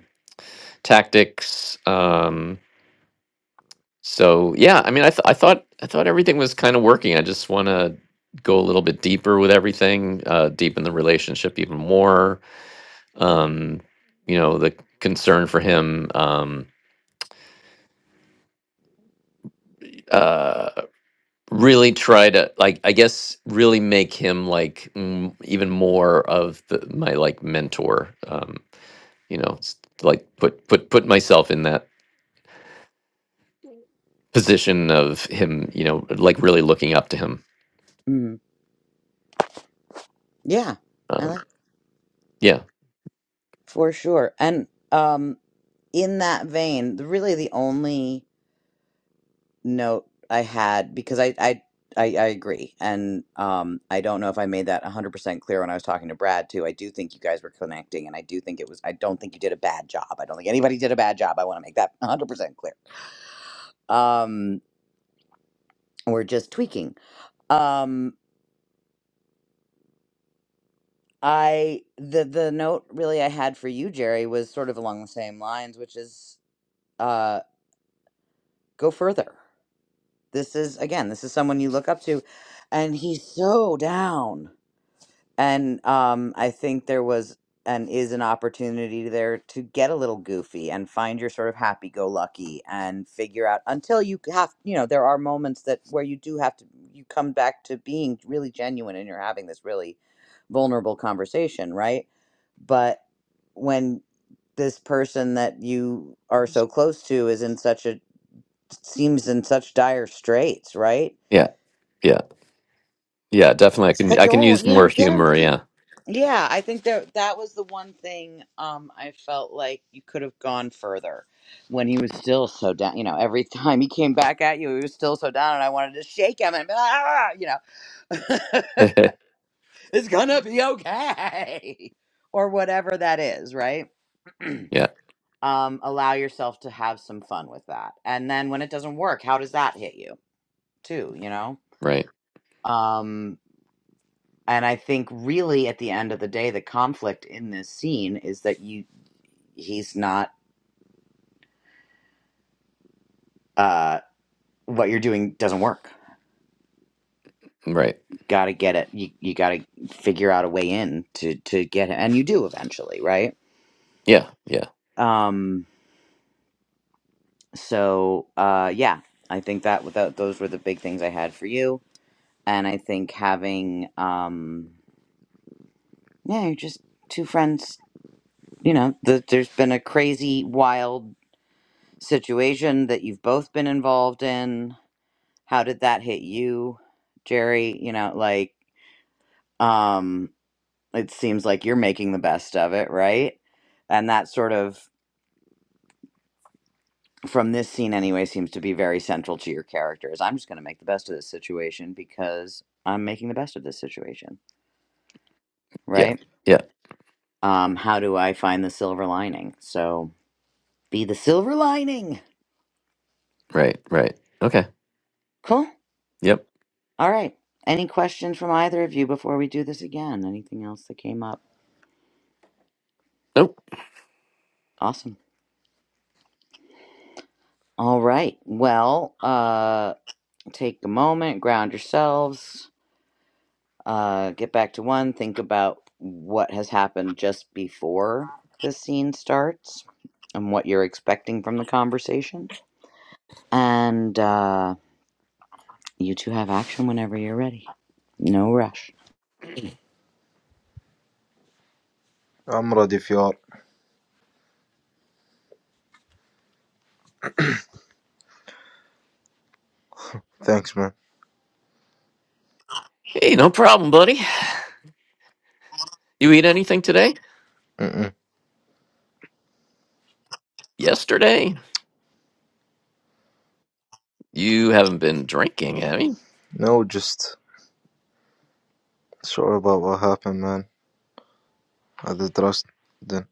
Speaker 4: tactics. Um, so yeah, I mean, I, th- I thought I thought everything was kind of working. I just want to go a little bit deeper with everything, uh, deepen the relationship even more. Um, you know, the concern for him. Um, uh, really try to like i guess really make him like mm, even more of the, my like mentor um you know s- like put put put myself in that position of him you know like really looking up to him
Speaker 1: hmm yeah i
Speaker 4: um
Speaker 1: like
Speaker 4: yeah
Speaker 1: For sure. And um in that vein, the, really the only note I had because I I I, I agree. And um I don't know if I made that 100% clear when I was talking to Brad too. I do think you guys were connecting and I do think it was I don't think you did a bad job. I don't think anybody did a bad job. I want to make that 100% clear. Um we're just tweaking. Um I the the note really I had for you Jerry was sort of along the same lines, which is uh go further this is again this is someone you look up to and he's so down and um i think there was and is an opportunity there to get a little goofy and find your sort of happy go lucky and figure out until you have you know there are moments that where you do have to you come back to being really genuine and you're having this really vulnerable conversation right but when this person that you are so close to is in such a seems in such dire straits right
Speaker 4: Yeah, yeah, yeah. Definitely, I can I can
Speaker 1: cajole.
Speaker 4: use
Speaker 1: You
Speaker 4: more
Speaker 1: know, get them.
Speaker 4: humor. Yeah,
Speaker 1: Yeah, I think that that was the one thing um, I felt like you could have gone further when he was still so down. You know, every time he came back at you, he was still so down, and I wanted to shake him and be like, "Ah," you know, it's gonna be okay, or whatever that is, right?
Speaker 4: yeah.
Speaker 1: um, allow yourself to have some fun with that, and then when it doesn't work, how does that hit you too? You know.
Speaker 4: Right,
Speaker 1: Um, and I think really at the end of the day, the conflict in this scene is that you he's not uh, what you're doing doesn't work.
Speaker 4: right.
Speaker 1: You got to get it. You you got to figure out a way in to to get it, and you do eventually, right?
Speaker 4: Yeah, yeah,
Speaker 1: Um. So uh, yeah, I think that without those were the big things I had for you, and I think having um yeah, you're just two friends. You know, the, there's been a crazy, wild situation that you've both been involved in how did that hit you, Jerry? You know, like, um, it seems like you're making the best of it, right? And that sort of, from this scene anyway, seems to be very central to your character is I'm just going to make the best of this situation because I'm making the best of this situation,
Speaker 4: yeah,
Speaker 1: right?
Speaker 4: yeah.
Speaker 1: Um, how do I find the silver lining? So be the silver lining.
Speaker 4: Right, right. Okay.
Speaker 1: Cool.
Speaker 4: Yep.
Speaker 1: All right. Any questions from either of you before we do this again? Anything else that came up?
Speaker 4: Nope.
Speaker 1: Awesome. All right. Well, uh, Take a moment, ground yourselves, uh, get back to one, think about what has happened just before the scene starts and what you're expecting from the conversation. And uh, you two have action whenever you're ready. No rush.
Speaker 6: I'm ready if you are. Thanks, man.
Speaker 4: Hey, no problem, buddy. You eat anything today?
Speaker 6: Mm-mm.
Speaker 4: Yesterday? You haven't been drinking, have you?
Speaker 6: No, just sorry about what happened, man. At the trust, then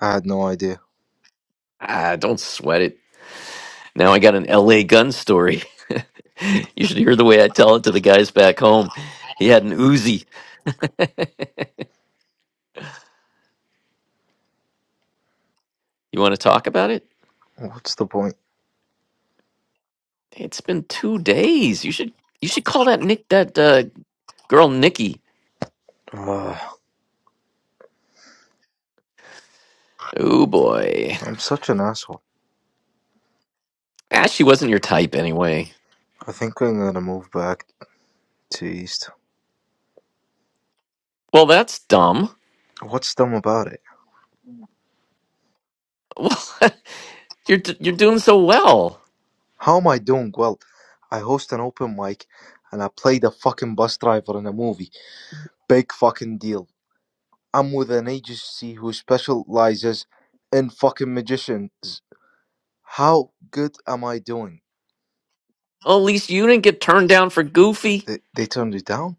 Speaker 6: I had no idea.
Speaker 4: Ah, don't sweat it. Now I got an L.A. gun story. you should hear the way I tell it to the guys back home. He had an Uzi. you want to talk about it?
Speaker 6: What's the point?
Speaker 4: It's been two days. You should you should call that Nick that uh, Girl, Nikki.
Speaker 6: Ugh,
Speaker 4: Oh boy.
Speaker 6: I'm such an asshole.
Speaker 4: Ah, she wasn't your type anyway.
Speaker 6: I think I'm gonna move back. Jeez,
Speaker 4: Well, that's dumb.
Speaker 6: what's dumb about it?
Speaker 4: What? you're d- you're doing so well.
Speaker 6: How am I doing well? I host an open mic and I play the fucking bus driver in a movie. Big fucking deal. I'm with an agency who specializes in fucking magicians. How good am I doing?
Speaker 4: Well, at least you didn't get turned down for
Speaker 6: Wait,
Speaker 4: Goofy.
Speaker 6: they, they turned you down?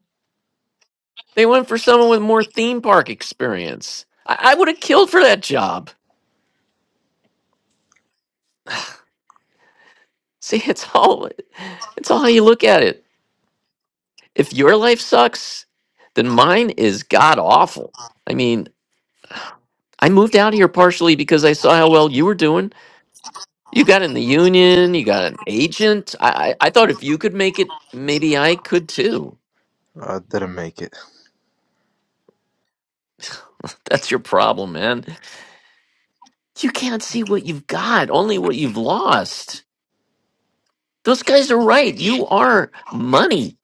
Speaker 4: They went for someone with more theme park experience. I, I would have killed for that job. See, it's all it's all how you look at it. If your life sucks, then mine is god awful. I mean, I moved out here partially because I saw how well you were doing. You got in the union, you got an agent. I, I, I thought if you could make it, maybe I could too.
Speaker 6: I didn't make it.
Speaker 4: That's your problem, man. You can't see what you've got, only what you've lost. Those guys are right. You are money.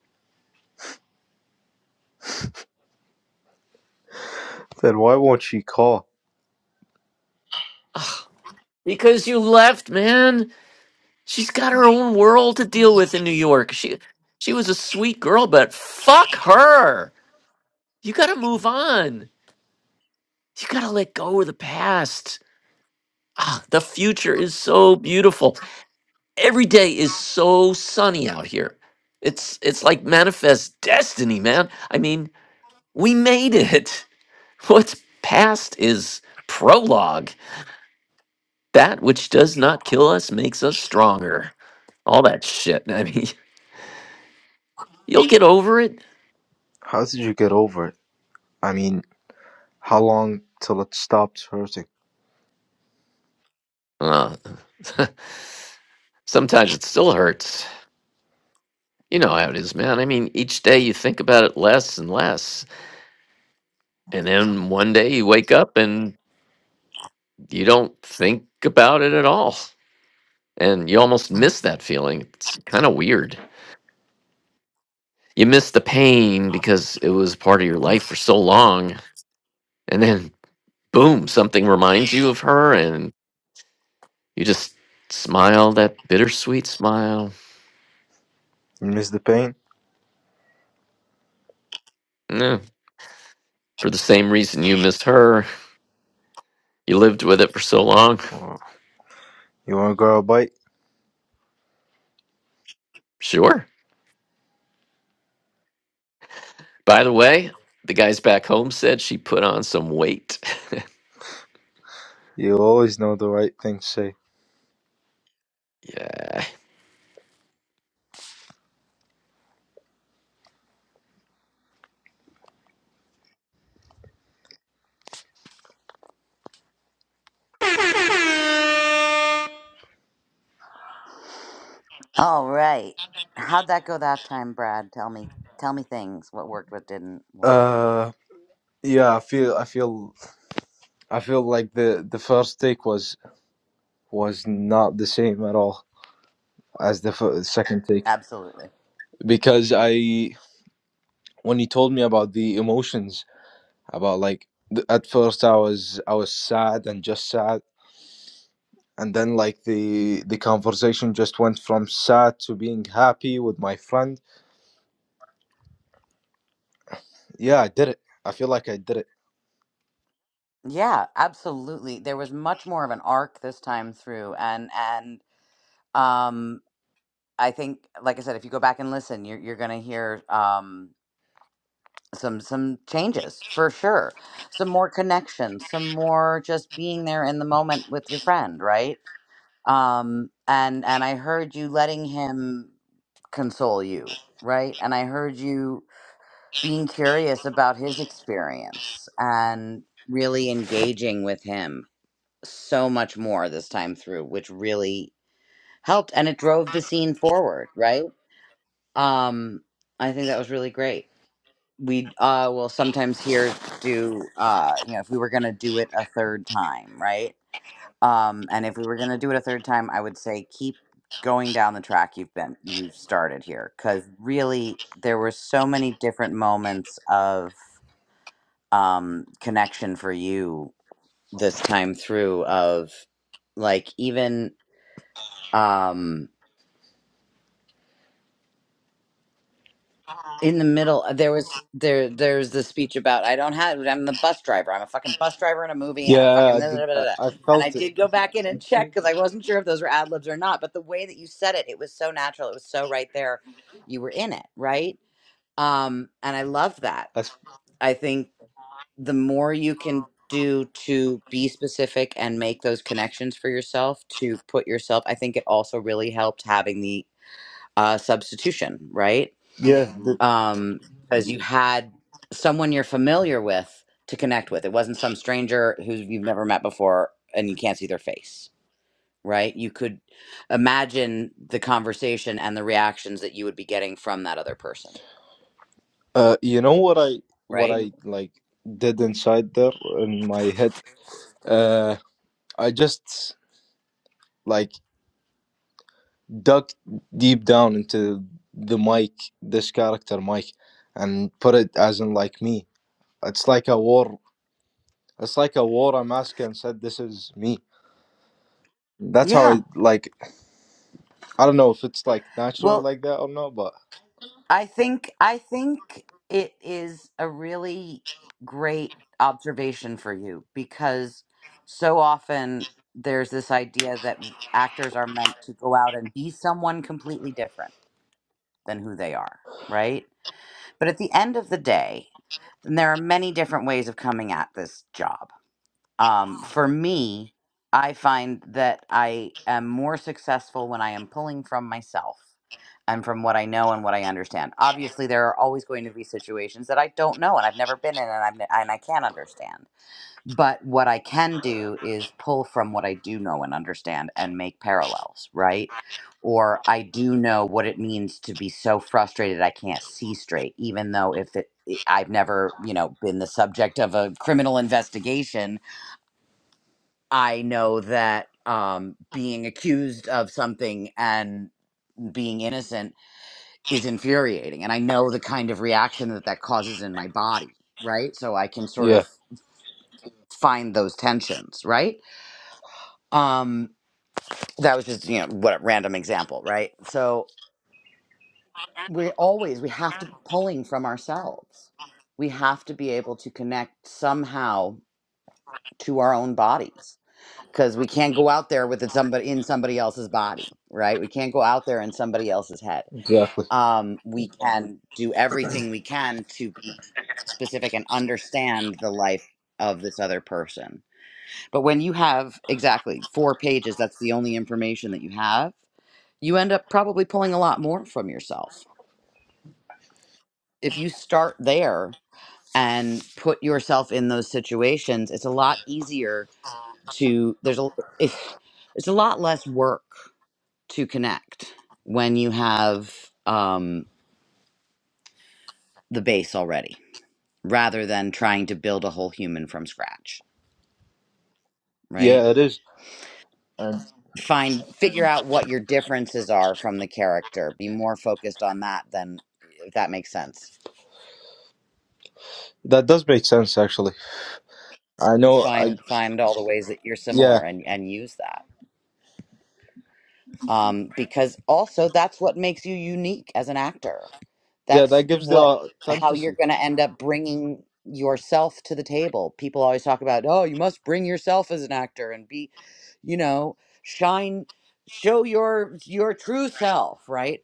Speaker 6: Then why won't she call?
Speaker 4: Ugh, because you left, man. She's got her own world to deal with in New York. She she was a sweet girl, but fuck her. You got to move on. You got to let go of the past. Ah, the future is so beautiful. every day is so sunny out here. It's it's like manifest destiny, man. I mean, we made it. What's past is prologue. That which does not kill us makes us stronger. All that shit. I mean, you'll get over it.
Speaker 6: How did you get over it? I mean, how long till it stopped hurting?
Speaker 4: Uh, sometimes it still hurts. You know how it is, man. I mean, each day you think about it less and less, and then one day you wake up and you don't think about it at all. and you almost miss that feeling. It's kind of weird. You miss the pain because it was part of your life for so long, and then boom, something reminds you of her, and you just smile that bittersweet smile.
Speaker 6: You miss the pain?
Speaker 4: Yeah, for the same reason you missed her, you lived with it for so long.
Speaker 6: Or you wanna grab a bite?
Speaker 4: Sure. By the way, the guys back home said she put on some weight.
Speaker 6: You always know the right thing to say.
Speaker 4: yeah.
Speaker 1: All right. How'd that go that time, Brad? Tell me. Tell me things. What worked, what didn't, why.
Speaker 6: Uh, yeah, I feel, I feel, I feel like the the first take was was not the same at all as the f- second take
Speaker 1: Absolutely.
Speaker 6: because I when he told me about the emotions about like th- at first I was I was sad and just sad and then like the the conversation just went from sad to being happy with my friend. Yeah, I did it. I feel like I did it.
Speaker 1: Yeah, absolutely. There was much more of an arc this time through and and um i think like i said if you go back and listen you're, you're gonna hear um some some changes for sure some more connection some more just being there in the moment with your friend right um and and i heard you letting him console you right and i heard you being curious about his experience and really engaging with him so much more this time through which really helped and it drove the scene forward right Um, I think that was really great. We uh, will sometimes here do, uh, you know, if we were going to do it a third time, right? Um, and if we were going to do it a third time, I would say keep going down the track you've been, you've started here. Cause really, there were so many different moments of um, connection for you this time through, of like even. Um, in the middle uh, there was there there's the speech about i don't have i'm the bus driver i'm a fucking bus driver in a movie and a
Speaker 6: Yeah,
Speaker 1: fucking
Speaker 6: I
Speaker 1: da,
Speaker 6: did,
Speaker 1: da, da, da,
Speaker 6: I,
Speaker 1: da."
Speaker 6: I
Speaker 1: and i
Speaker 6: felt it.
Speaker 1: did go back in and check because i wasn't sure if those were ad libs or not but the way that you said it it was so natural it was so right there you were in it right um and i love that
Speaker 6: I, s-
Speaker 1: i think the more you can do to be specific and make those connections for yourself to put yourself i think it also really helped having the uh substitution right
Speaker 6: yeah,
Speaker 1: um, because you had someone you're familiar with to connect with. It wasn't some stranger who you've never met before and you can't see their face, right? You could imagine the conversation and the reactions that you would be getting from that other person,
Speaker 6: Uh, you know what I what
Speaker 1: right? Mhm.
Speaker 6: I like did inside there in my head? Uh, I just like dug deep down into the mic, this character Mike, and put it as in like me. It's like a war. It's like a war I'm asking and said this is me. That's how
Speaker 1: Yeah.
Speaker 6: I like. I don't know if it's like natural
Speaker 1: Well,
Speaker 6: like that or not, but
Speaker 1: I think I think it is a really great observation for you because so often there's this idea that actors are meant to go out and be someone completely different than who they are, right? But at the end of the day, and there are many different ways of coming at this job. Um, for me, I find that I am more successful when I am pulling from myself and from what I know and what I understand. Obviously, there are always going to be situations that I don't know and I've never been in and, I've, ne- and I can't understand but what I can do is pull from what I do know and understand and make parallels, right? Or I do know what it means to be so frustrated I can't see straight, even though if it, i- I've never, you know, been the subject of a criminal investigation, I know that um, being accused of something and being innocent is infuriating. And I know the kind of reaction that that causes in my body, right? So I can sort
Speaker 6: yeah,
Speaker 1: of find those tensions, right? Um, that was just you know what a random example right so we always we have to be pulling from ourselves we have to be able to connect somehow to our own bodies because we can't go out there with it somebody in somebody else's body right we can't go out there in somebody else's head
Speaker 6: exactly.
Speaker 1: um, we can do everything we can to be specific and understand the life of this other person but when you have exactly four pages that's the only information that you have you end up probably pulling a lot more from yourself. If you start there and put yourself in those situations, it's a lot easier to there's a it's, it's a lot less work to connect when you have um the base already rather than trying to build a whole human from scratch, right?
Speaker 6: Yeah, it is, and
Speaker 1: Find figure out what your differences are from the character. Be more focused on that than if that makes sense.
Speaker 6: that does make sense actually. I know. I
Speaker 1: find find all the ways that you're
Speaker 6: yeah.
Speaker 1: similar and and use that um because also that's what makes you unique as an actor
Speaker 6: Yeah,
Speaker 1: that's
Speaker 6: that gives the
Speaker 1: what how
Speaker 6: authenticity.
Speaker 1: you're going to end up bringing yourself to the table people always talk about oh you must bring yourself as an actor and be you know shine show your your true self right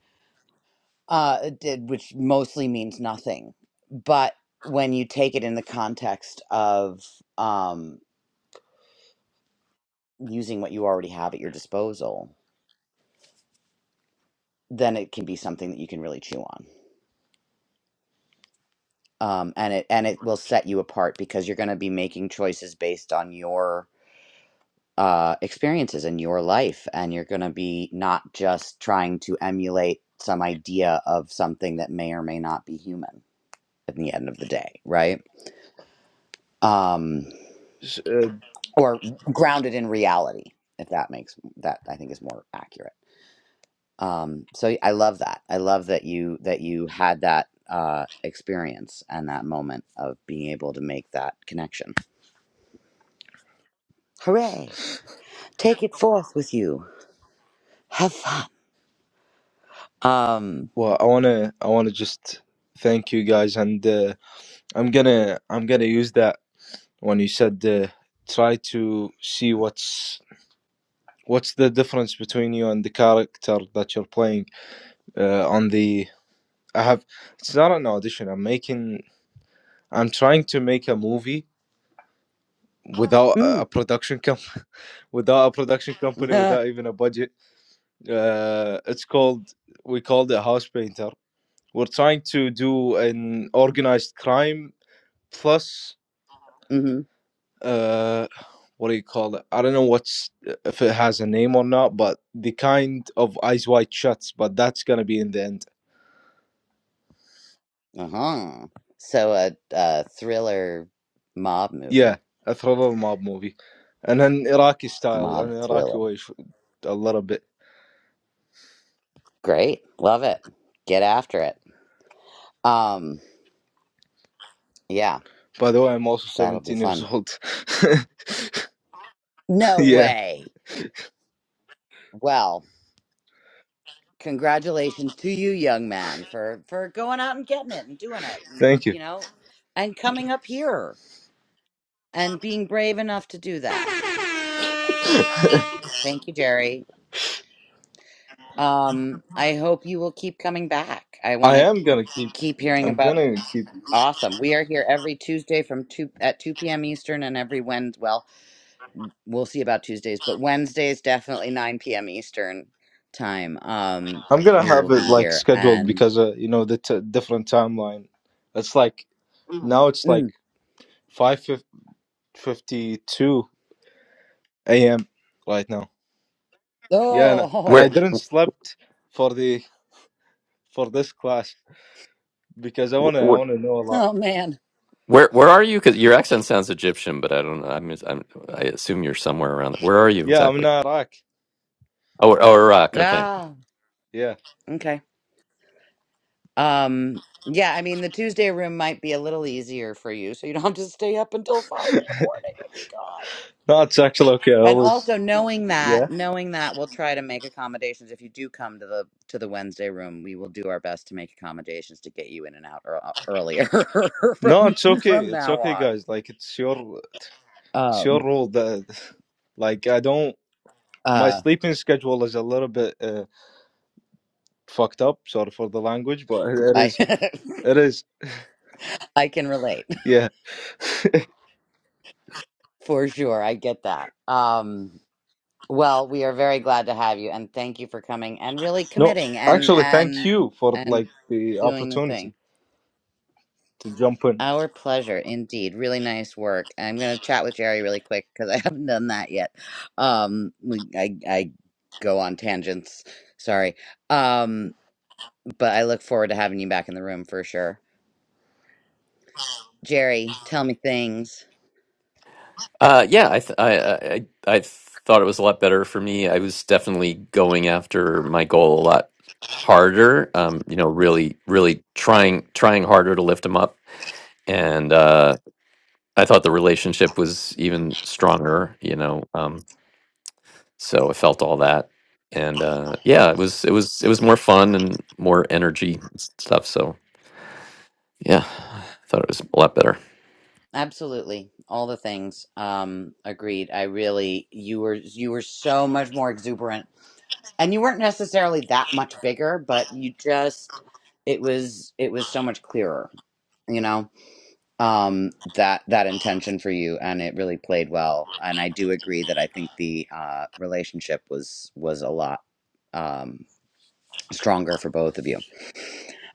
Speaker 1: uh it did which mostly means nothing but when you take it in the context of um using what you already have at your disposal, then it can be something that you can really chew on. Um, and it and it will set you apart because you're going to be making choices based on your uh, experiences and your life, and you're going to be not just trying to emulate some idea of something that may or may not be human at the end of the day, right? Um,
Speaker 6: S- uh,
Speaker 1: or grounded in reality, if that makes that I think is more accurate. Um, so I love that. I love that you that you had that uh, experience and that moment of being able to make that connection. Hooray! Take it forth with you. Have fun. Um.
Speaker 6: well i want to i want to just thank you guys and uh, i'm gonna i'm gonna use that when you said uh, try to see what's what's the difference between you and the character that you're playing uh, on the i have it's not an audition i'm making i'm trying to make a movie without a a
Speaker 1: Mm.
Speaker 6: production com- without a production company without even a budget uh, it's called we called it house painter we're trying to do an organized crime Plus,
Speaker 1: hmm
Speaker 6: uh, what do you call it? I don't know what's uh, if it has a name or not, but the kind of eyes wide shuts, but that's gonna be in the end.
Speaker 1: Uh huh. So a, a thriller mob
Speaker 6: Yeah,
Speaker 1: movie,
Speaker 6: a thriller mob movie, and an Iraqi style, an
Speaker 1: mob
Speaker 6: Iraqi
Speaker 1: thriller.
Speaker 6: way, f- a little bit.
Speaker 1: Great, love it. Get after it. Um. Yeah,
Speaker 6: By the way, I'm also
Speaker 1: that'll be
Speaker 6: 17 years
Speaker 1: fun.
Speaker 6: old.
Speaker 1: No
Speaker 6: yeah,
Speaker 1: way. Well. congratulations to you young man for for going out and getting it and doing it and
Speaker 6: thank you.
Speaker 1: you know and coming up here and being brave enough to do that thank you jerry um i hope you will keep coming back i want
Speaker 6: I
Speaker 1: to
Speaker 6: am gonna keep.
Speaker 1: keep hearing
Speaker 6: I'm
Speaker 1: about
Speaker 6: gonna keep.
Speaker 1: awesome we are here every tuesday from 2 at 2 p.m eastern and every wednesday well we'll see about tuesdays but wednesdays definitely 9 p.m eastern time um
Speaker 6: I'm gonna
Speaker 1: we will
Speaker 6: have it
Speaker 1: be
Speaker 6: like
Speaker 1: here
Speaker 6: scheduled
Speaker 1: and
Speaker 6: because uh, you know the t- different timeline. It's like now it's like
Speaker 1: mm,
Speaker 6: five fifty two a.m. right now. Yeah, and, and I
Speaker 4: Where?
Speaker 1: oh
Speaker 6: didn't slept for the for this class because I wanna
Speaker 4: wh-
Speaker 6: I
Speaker 4: wh-
Speaker 6: wanna know a lot.
Speaker 1: oh man
Speaker 4: Where where are you? Because your accent sounds Egyptian, but I don't know. I'm, I'm I assume you're somewhere around. There. Where are you
Speaker 6: Yeah, I'm in
Speaker 4: exactly?
Speaker 6: Iraq.
Speaker 4: Oh, oh, Iraq. Okay.
Speaker 1: ah
Speaker 6: Yeah,
Speaker 1: Okay. Um, yeah, I mean, the Tuesday room might be a little easier for you, so you don't have to stay up until five in the morning. Oh my God.
Speaker 6: no, it's actually okay. I
Speaker 1: And
Speaker 6: always
Speaker 1: also knowing that,
Speaker 6: yeah.
Speaker 1: knowing that we'll try to make accommodations. If you do come to the to the Wednesday room, we will do our best to make accommodations to get you in and out ear- uh, earlier
Speaker 6: No,
Speaker 1: from
Speaker 6: it's okay.
Speaker 1: from
Speaker 6: It's
Speaker 1: now
Speaker 6: okay,
Speaker 1: on.
Speaker 6: guys. Like it's your it's your
Speaker 1: Um,
Speaker 6: rule that like I don't. My
Speaker 1: uh,
Speaker 6: sleeping schedule is a little bit uh, fucked up. Sorry for the language, but it
Speaker 1: I
Speaker 6: is it is
Speaker 1: I can relate
Speaker 6: yeah.
Speaker 1: for sure. I get that. Um, Well, we are very glad to have you and thank you for coming and really
Speaker 6: No,
Speaker 1: committing and
Speaker 6: actually, thank
Speaker 1: and
Speaker 6: you for
Speaker 1: and
Speaker 6: like the
Speaker 1: doing the
Speaker 6: opportunity
Speaker 1: thing.
Speaker 6: to jump in.
Speaker 1: Our pleasure indeed. Really nice work. I'm going to chat with Jerry really quick cuz I haven't done that yet. Um we, I I go on tangents. Sorry. Um but I look forward to having you back in the room for sure. Jerry, tell me things.
Speaker 4: Uh, yeah. I, th- I I I I thought it was a lot better for me. I was definitely going after my goal a lot harder. Um, you know, really, really trying trying harder to lift him up, and uh, I thought the relationship was even stronger. You know, um, so I felt all that, and uh, yeah, it was it was it was more fun and more energy and stuff. So Yeah, I thought it was a lot better.
Speaker 1: Absolutely. All the things. Um agreed. I really you were you were so much more exuberant and you weren't necessarily that much bigger but you just it was it was so much clearer you know um that that intention for you and it really played well and i do agree that i think the uh relationship was was a lot um stronger for both of you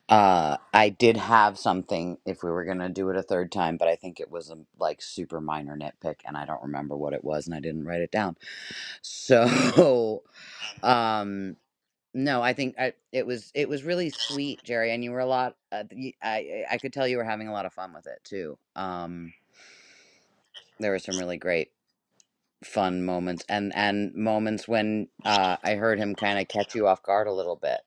Speaker 1: uh i did have something if we were gonna do it a third time but i think it was a like super minor nitpick and i don't remember what it was and i didn't write it down so um, no, I think I it was it was really sweet, Jerry, and you were a lot uh, y I I could tell you were having a lot of fun with it too. Um, there were some really great fun moments and and moments when uh I heard him kind of catch you off guard a little bit.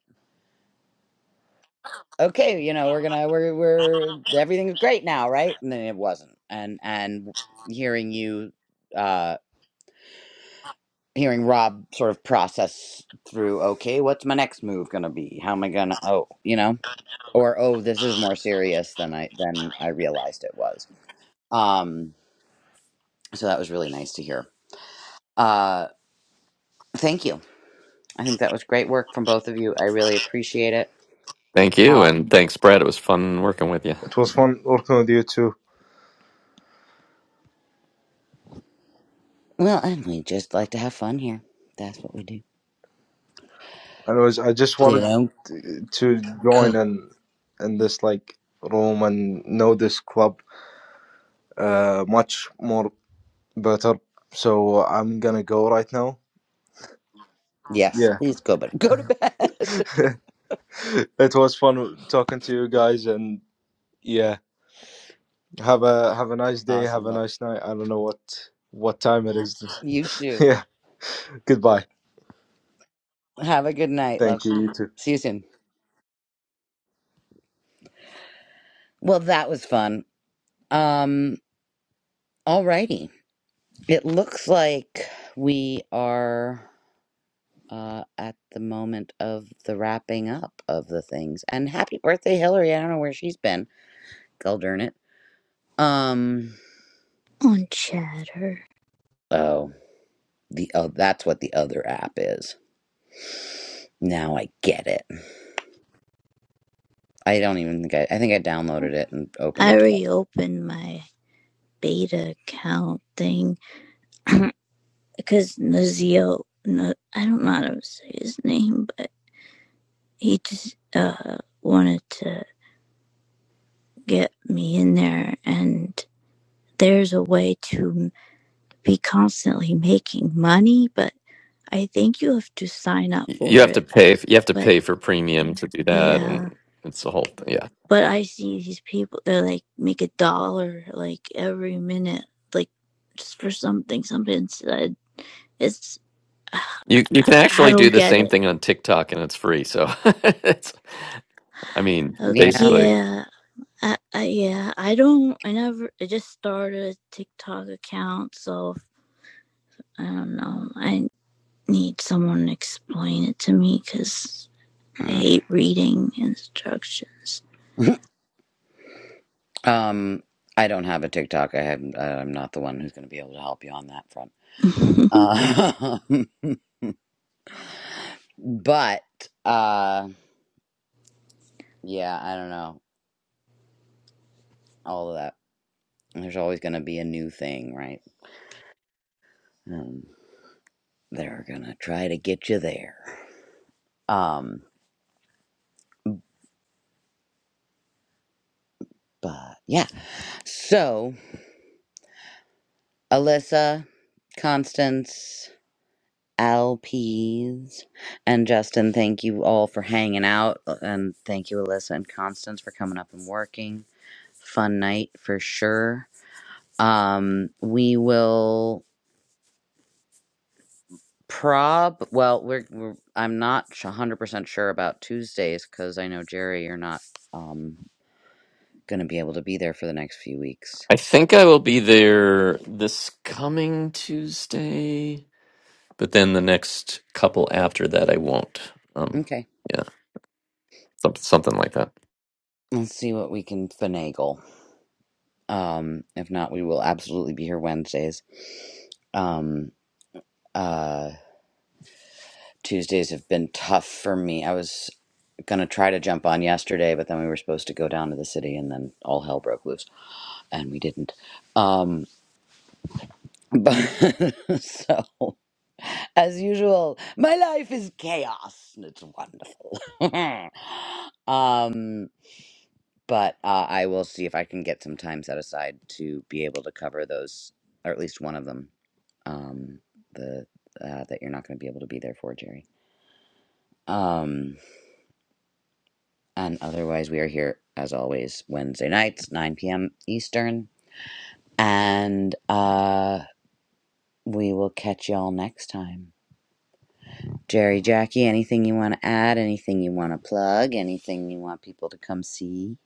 Speaker 1: Okay, you know, we're gonna we're we're everything's great now, right? And then it wasn't. And and hearing you uh hearing Rob sort of process through, okay, what's my next move gonna be? How am I gonna oh, you know? or oh this is more serious than i than i realized it was um so that was really nice to hear uh thank you i think that was great work from both of you i really appreciate it
Speaker 4: Thank you,
Speaker 1: um
Speaker 4: and thanks, Brad. It was fun working with you.
Speaker 6: It was fun working with you too.
Speaker 1: well and we just like to have fun here that's what we do
Speaker 6: Anyways, I just
Speaker 1: they
Speaker 6: wanted
Speaker 1: don't
Speaker 6: to
Speaker 1: co-
Speaker 6: join in in this like room and know this club uh much more better. So I'm gonna go right now.
Speaker 1: yes
Speaker 6: Yeah,
Speaker 1: please go but go to bed
Speaker 6: it was fun talking to you guys, and yeah, have a have a nice day,
Speaker 1: awesome
Speaker 6: have a
Speaker 1: well
Speaker 6: nice night. I don't know what what time it is.
Speaker 1: you too
Speaker 6: yeah, goodbye.
Speaker 1: have a good night love
Speaker 6: Thank you. You too.
Speaker 1: see you soon well that was fun um alrighty it looks like we are uh, at the moment of the wrapping up of the things. And happy birthday, Hillary! I don't know where she's been. Go darn it. Um.
Speaker 5: on chatter,
Speaker 1: Oh, the oh, that's what the other app is. Now I get it. I don't even think I. I think I downloaded it and opened
Speaker 5: I
Speaker 1: it twice.
Speaker 5: reopened my beta account thing because Nazio, no, I don't know how to say his name, but he just uh, wanted to get me in there. And there's a way to be constantly making money, but I think you have to sign up
Speaker 4: Y- You
Speaker 5: for
Speaker 4: have to
Speaker 5: it.
Speaker 4: pay. You have to
Speaker 5: But
Speaker 4: pay for premium to do that, and
Speaker 5: Yeah,
Speaker 4: it's a whole thing. Yeah,
Speaker 5: but I see these people that like make a dollar like every minute, like just for something something said. It's
Speaker 4: you you
Speaker 5: I,
Speaker 4: can
Speaker 5: I
Speaker 4: actually do
Speaker 5: don't
Speaker 4: the
Speaker 5: get
Speaker 4: same
Speaker 5: it.
Speaker 4: thing on TikTok, and it's free. So, it's, I mean,
Speaker 5: Uh,
Speaker 1: Yeah.
Speaker 4: basically,
Speaker 5: yeah, I, I yeah I don't. I never. I just started a TikTok account, so I don't know. I need someone to explain it to me because I
Speaker 1: Mm.
Speaker 5: hate reading instructions.
Speaker 1: um. I don't have a TikTok. I have. I'm not the one who's going to be able to help you on that front.
Speaker 5: Good
Speaker 1: Uh, but uh, yeah, I don't know. All of that. There's always going to be a new thing, right? Um, they're gonna try to get you there. Um, but yeah. So Alyssa, Constance, Alpes, and Justin, thank you all for hanging out, uh, and thank you Alyssa and Constance for coming up and working. Fun night for sure. Um, we will prob. Well, we're, we're I'm not one hundred percent sure about Tuesdays because I know Jerry, you're not um gonna be able to be there for the next few weeks.
Speaker 4: I think I will be there this coming Tuesday, but then the next couple after that, I won't. Um,
Speaker 1: Okay.
Speaker 4: yeah, something something like that.
Speaker 1: Let's see what we can finagle. Um, if not, we will absolutely be here Wednesdays. Um, uh, Tuesdays have been tough for me. I was gonna try to jump on yesterday, but then we were supposed to go down to the city, and then all hell broke loose, and we didn't. Um, but so, as usual, my life is chaos, and it's wonderful. um, but uh, I will see if I can get some time set aside to be able to cover those, or at least one of them um, the uh, that you're not going to be able to be there for, Jerry. Um, and otherwise, we are here as always Wednesday nights, 9 p.m. Eastern, and uh, we will catch y'all next time. Jerry, Jackie, anything you want to add? Anything you want to plug? Anything you want people to come see?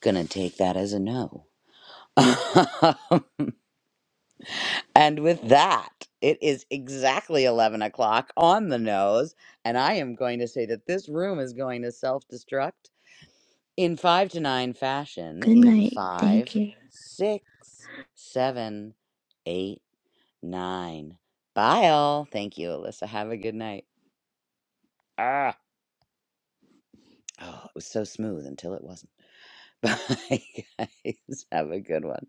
Speaker 1: Gonna take that as a no. and with that, it is exactly 11 o'clock on the nose. And I am going to say that this room is going to self destruct in five to nine fashion in
Speaker 5: night.
Speaker 1: five,
Speaker 5: Thank you.
Speaker 1: six, seven, eight, nine. Bye, all. Thank you, Alyssa. Have a good night. Ah, oh, it was so smooth until it wasn't. Bye, guys. Have a good one.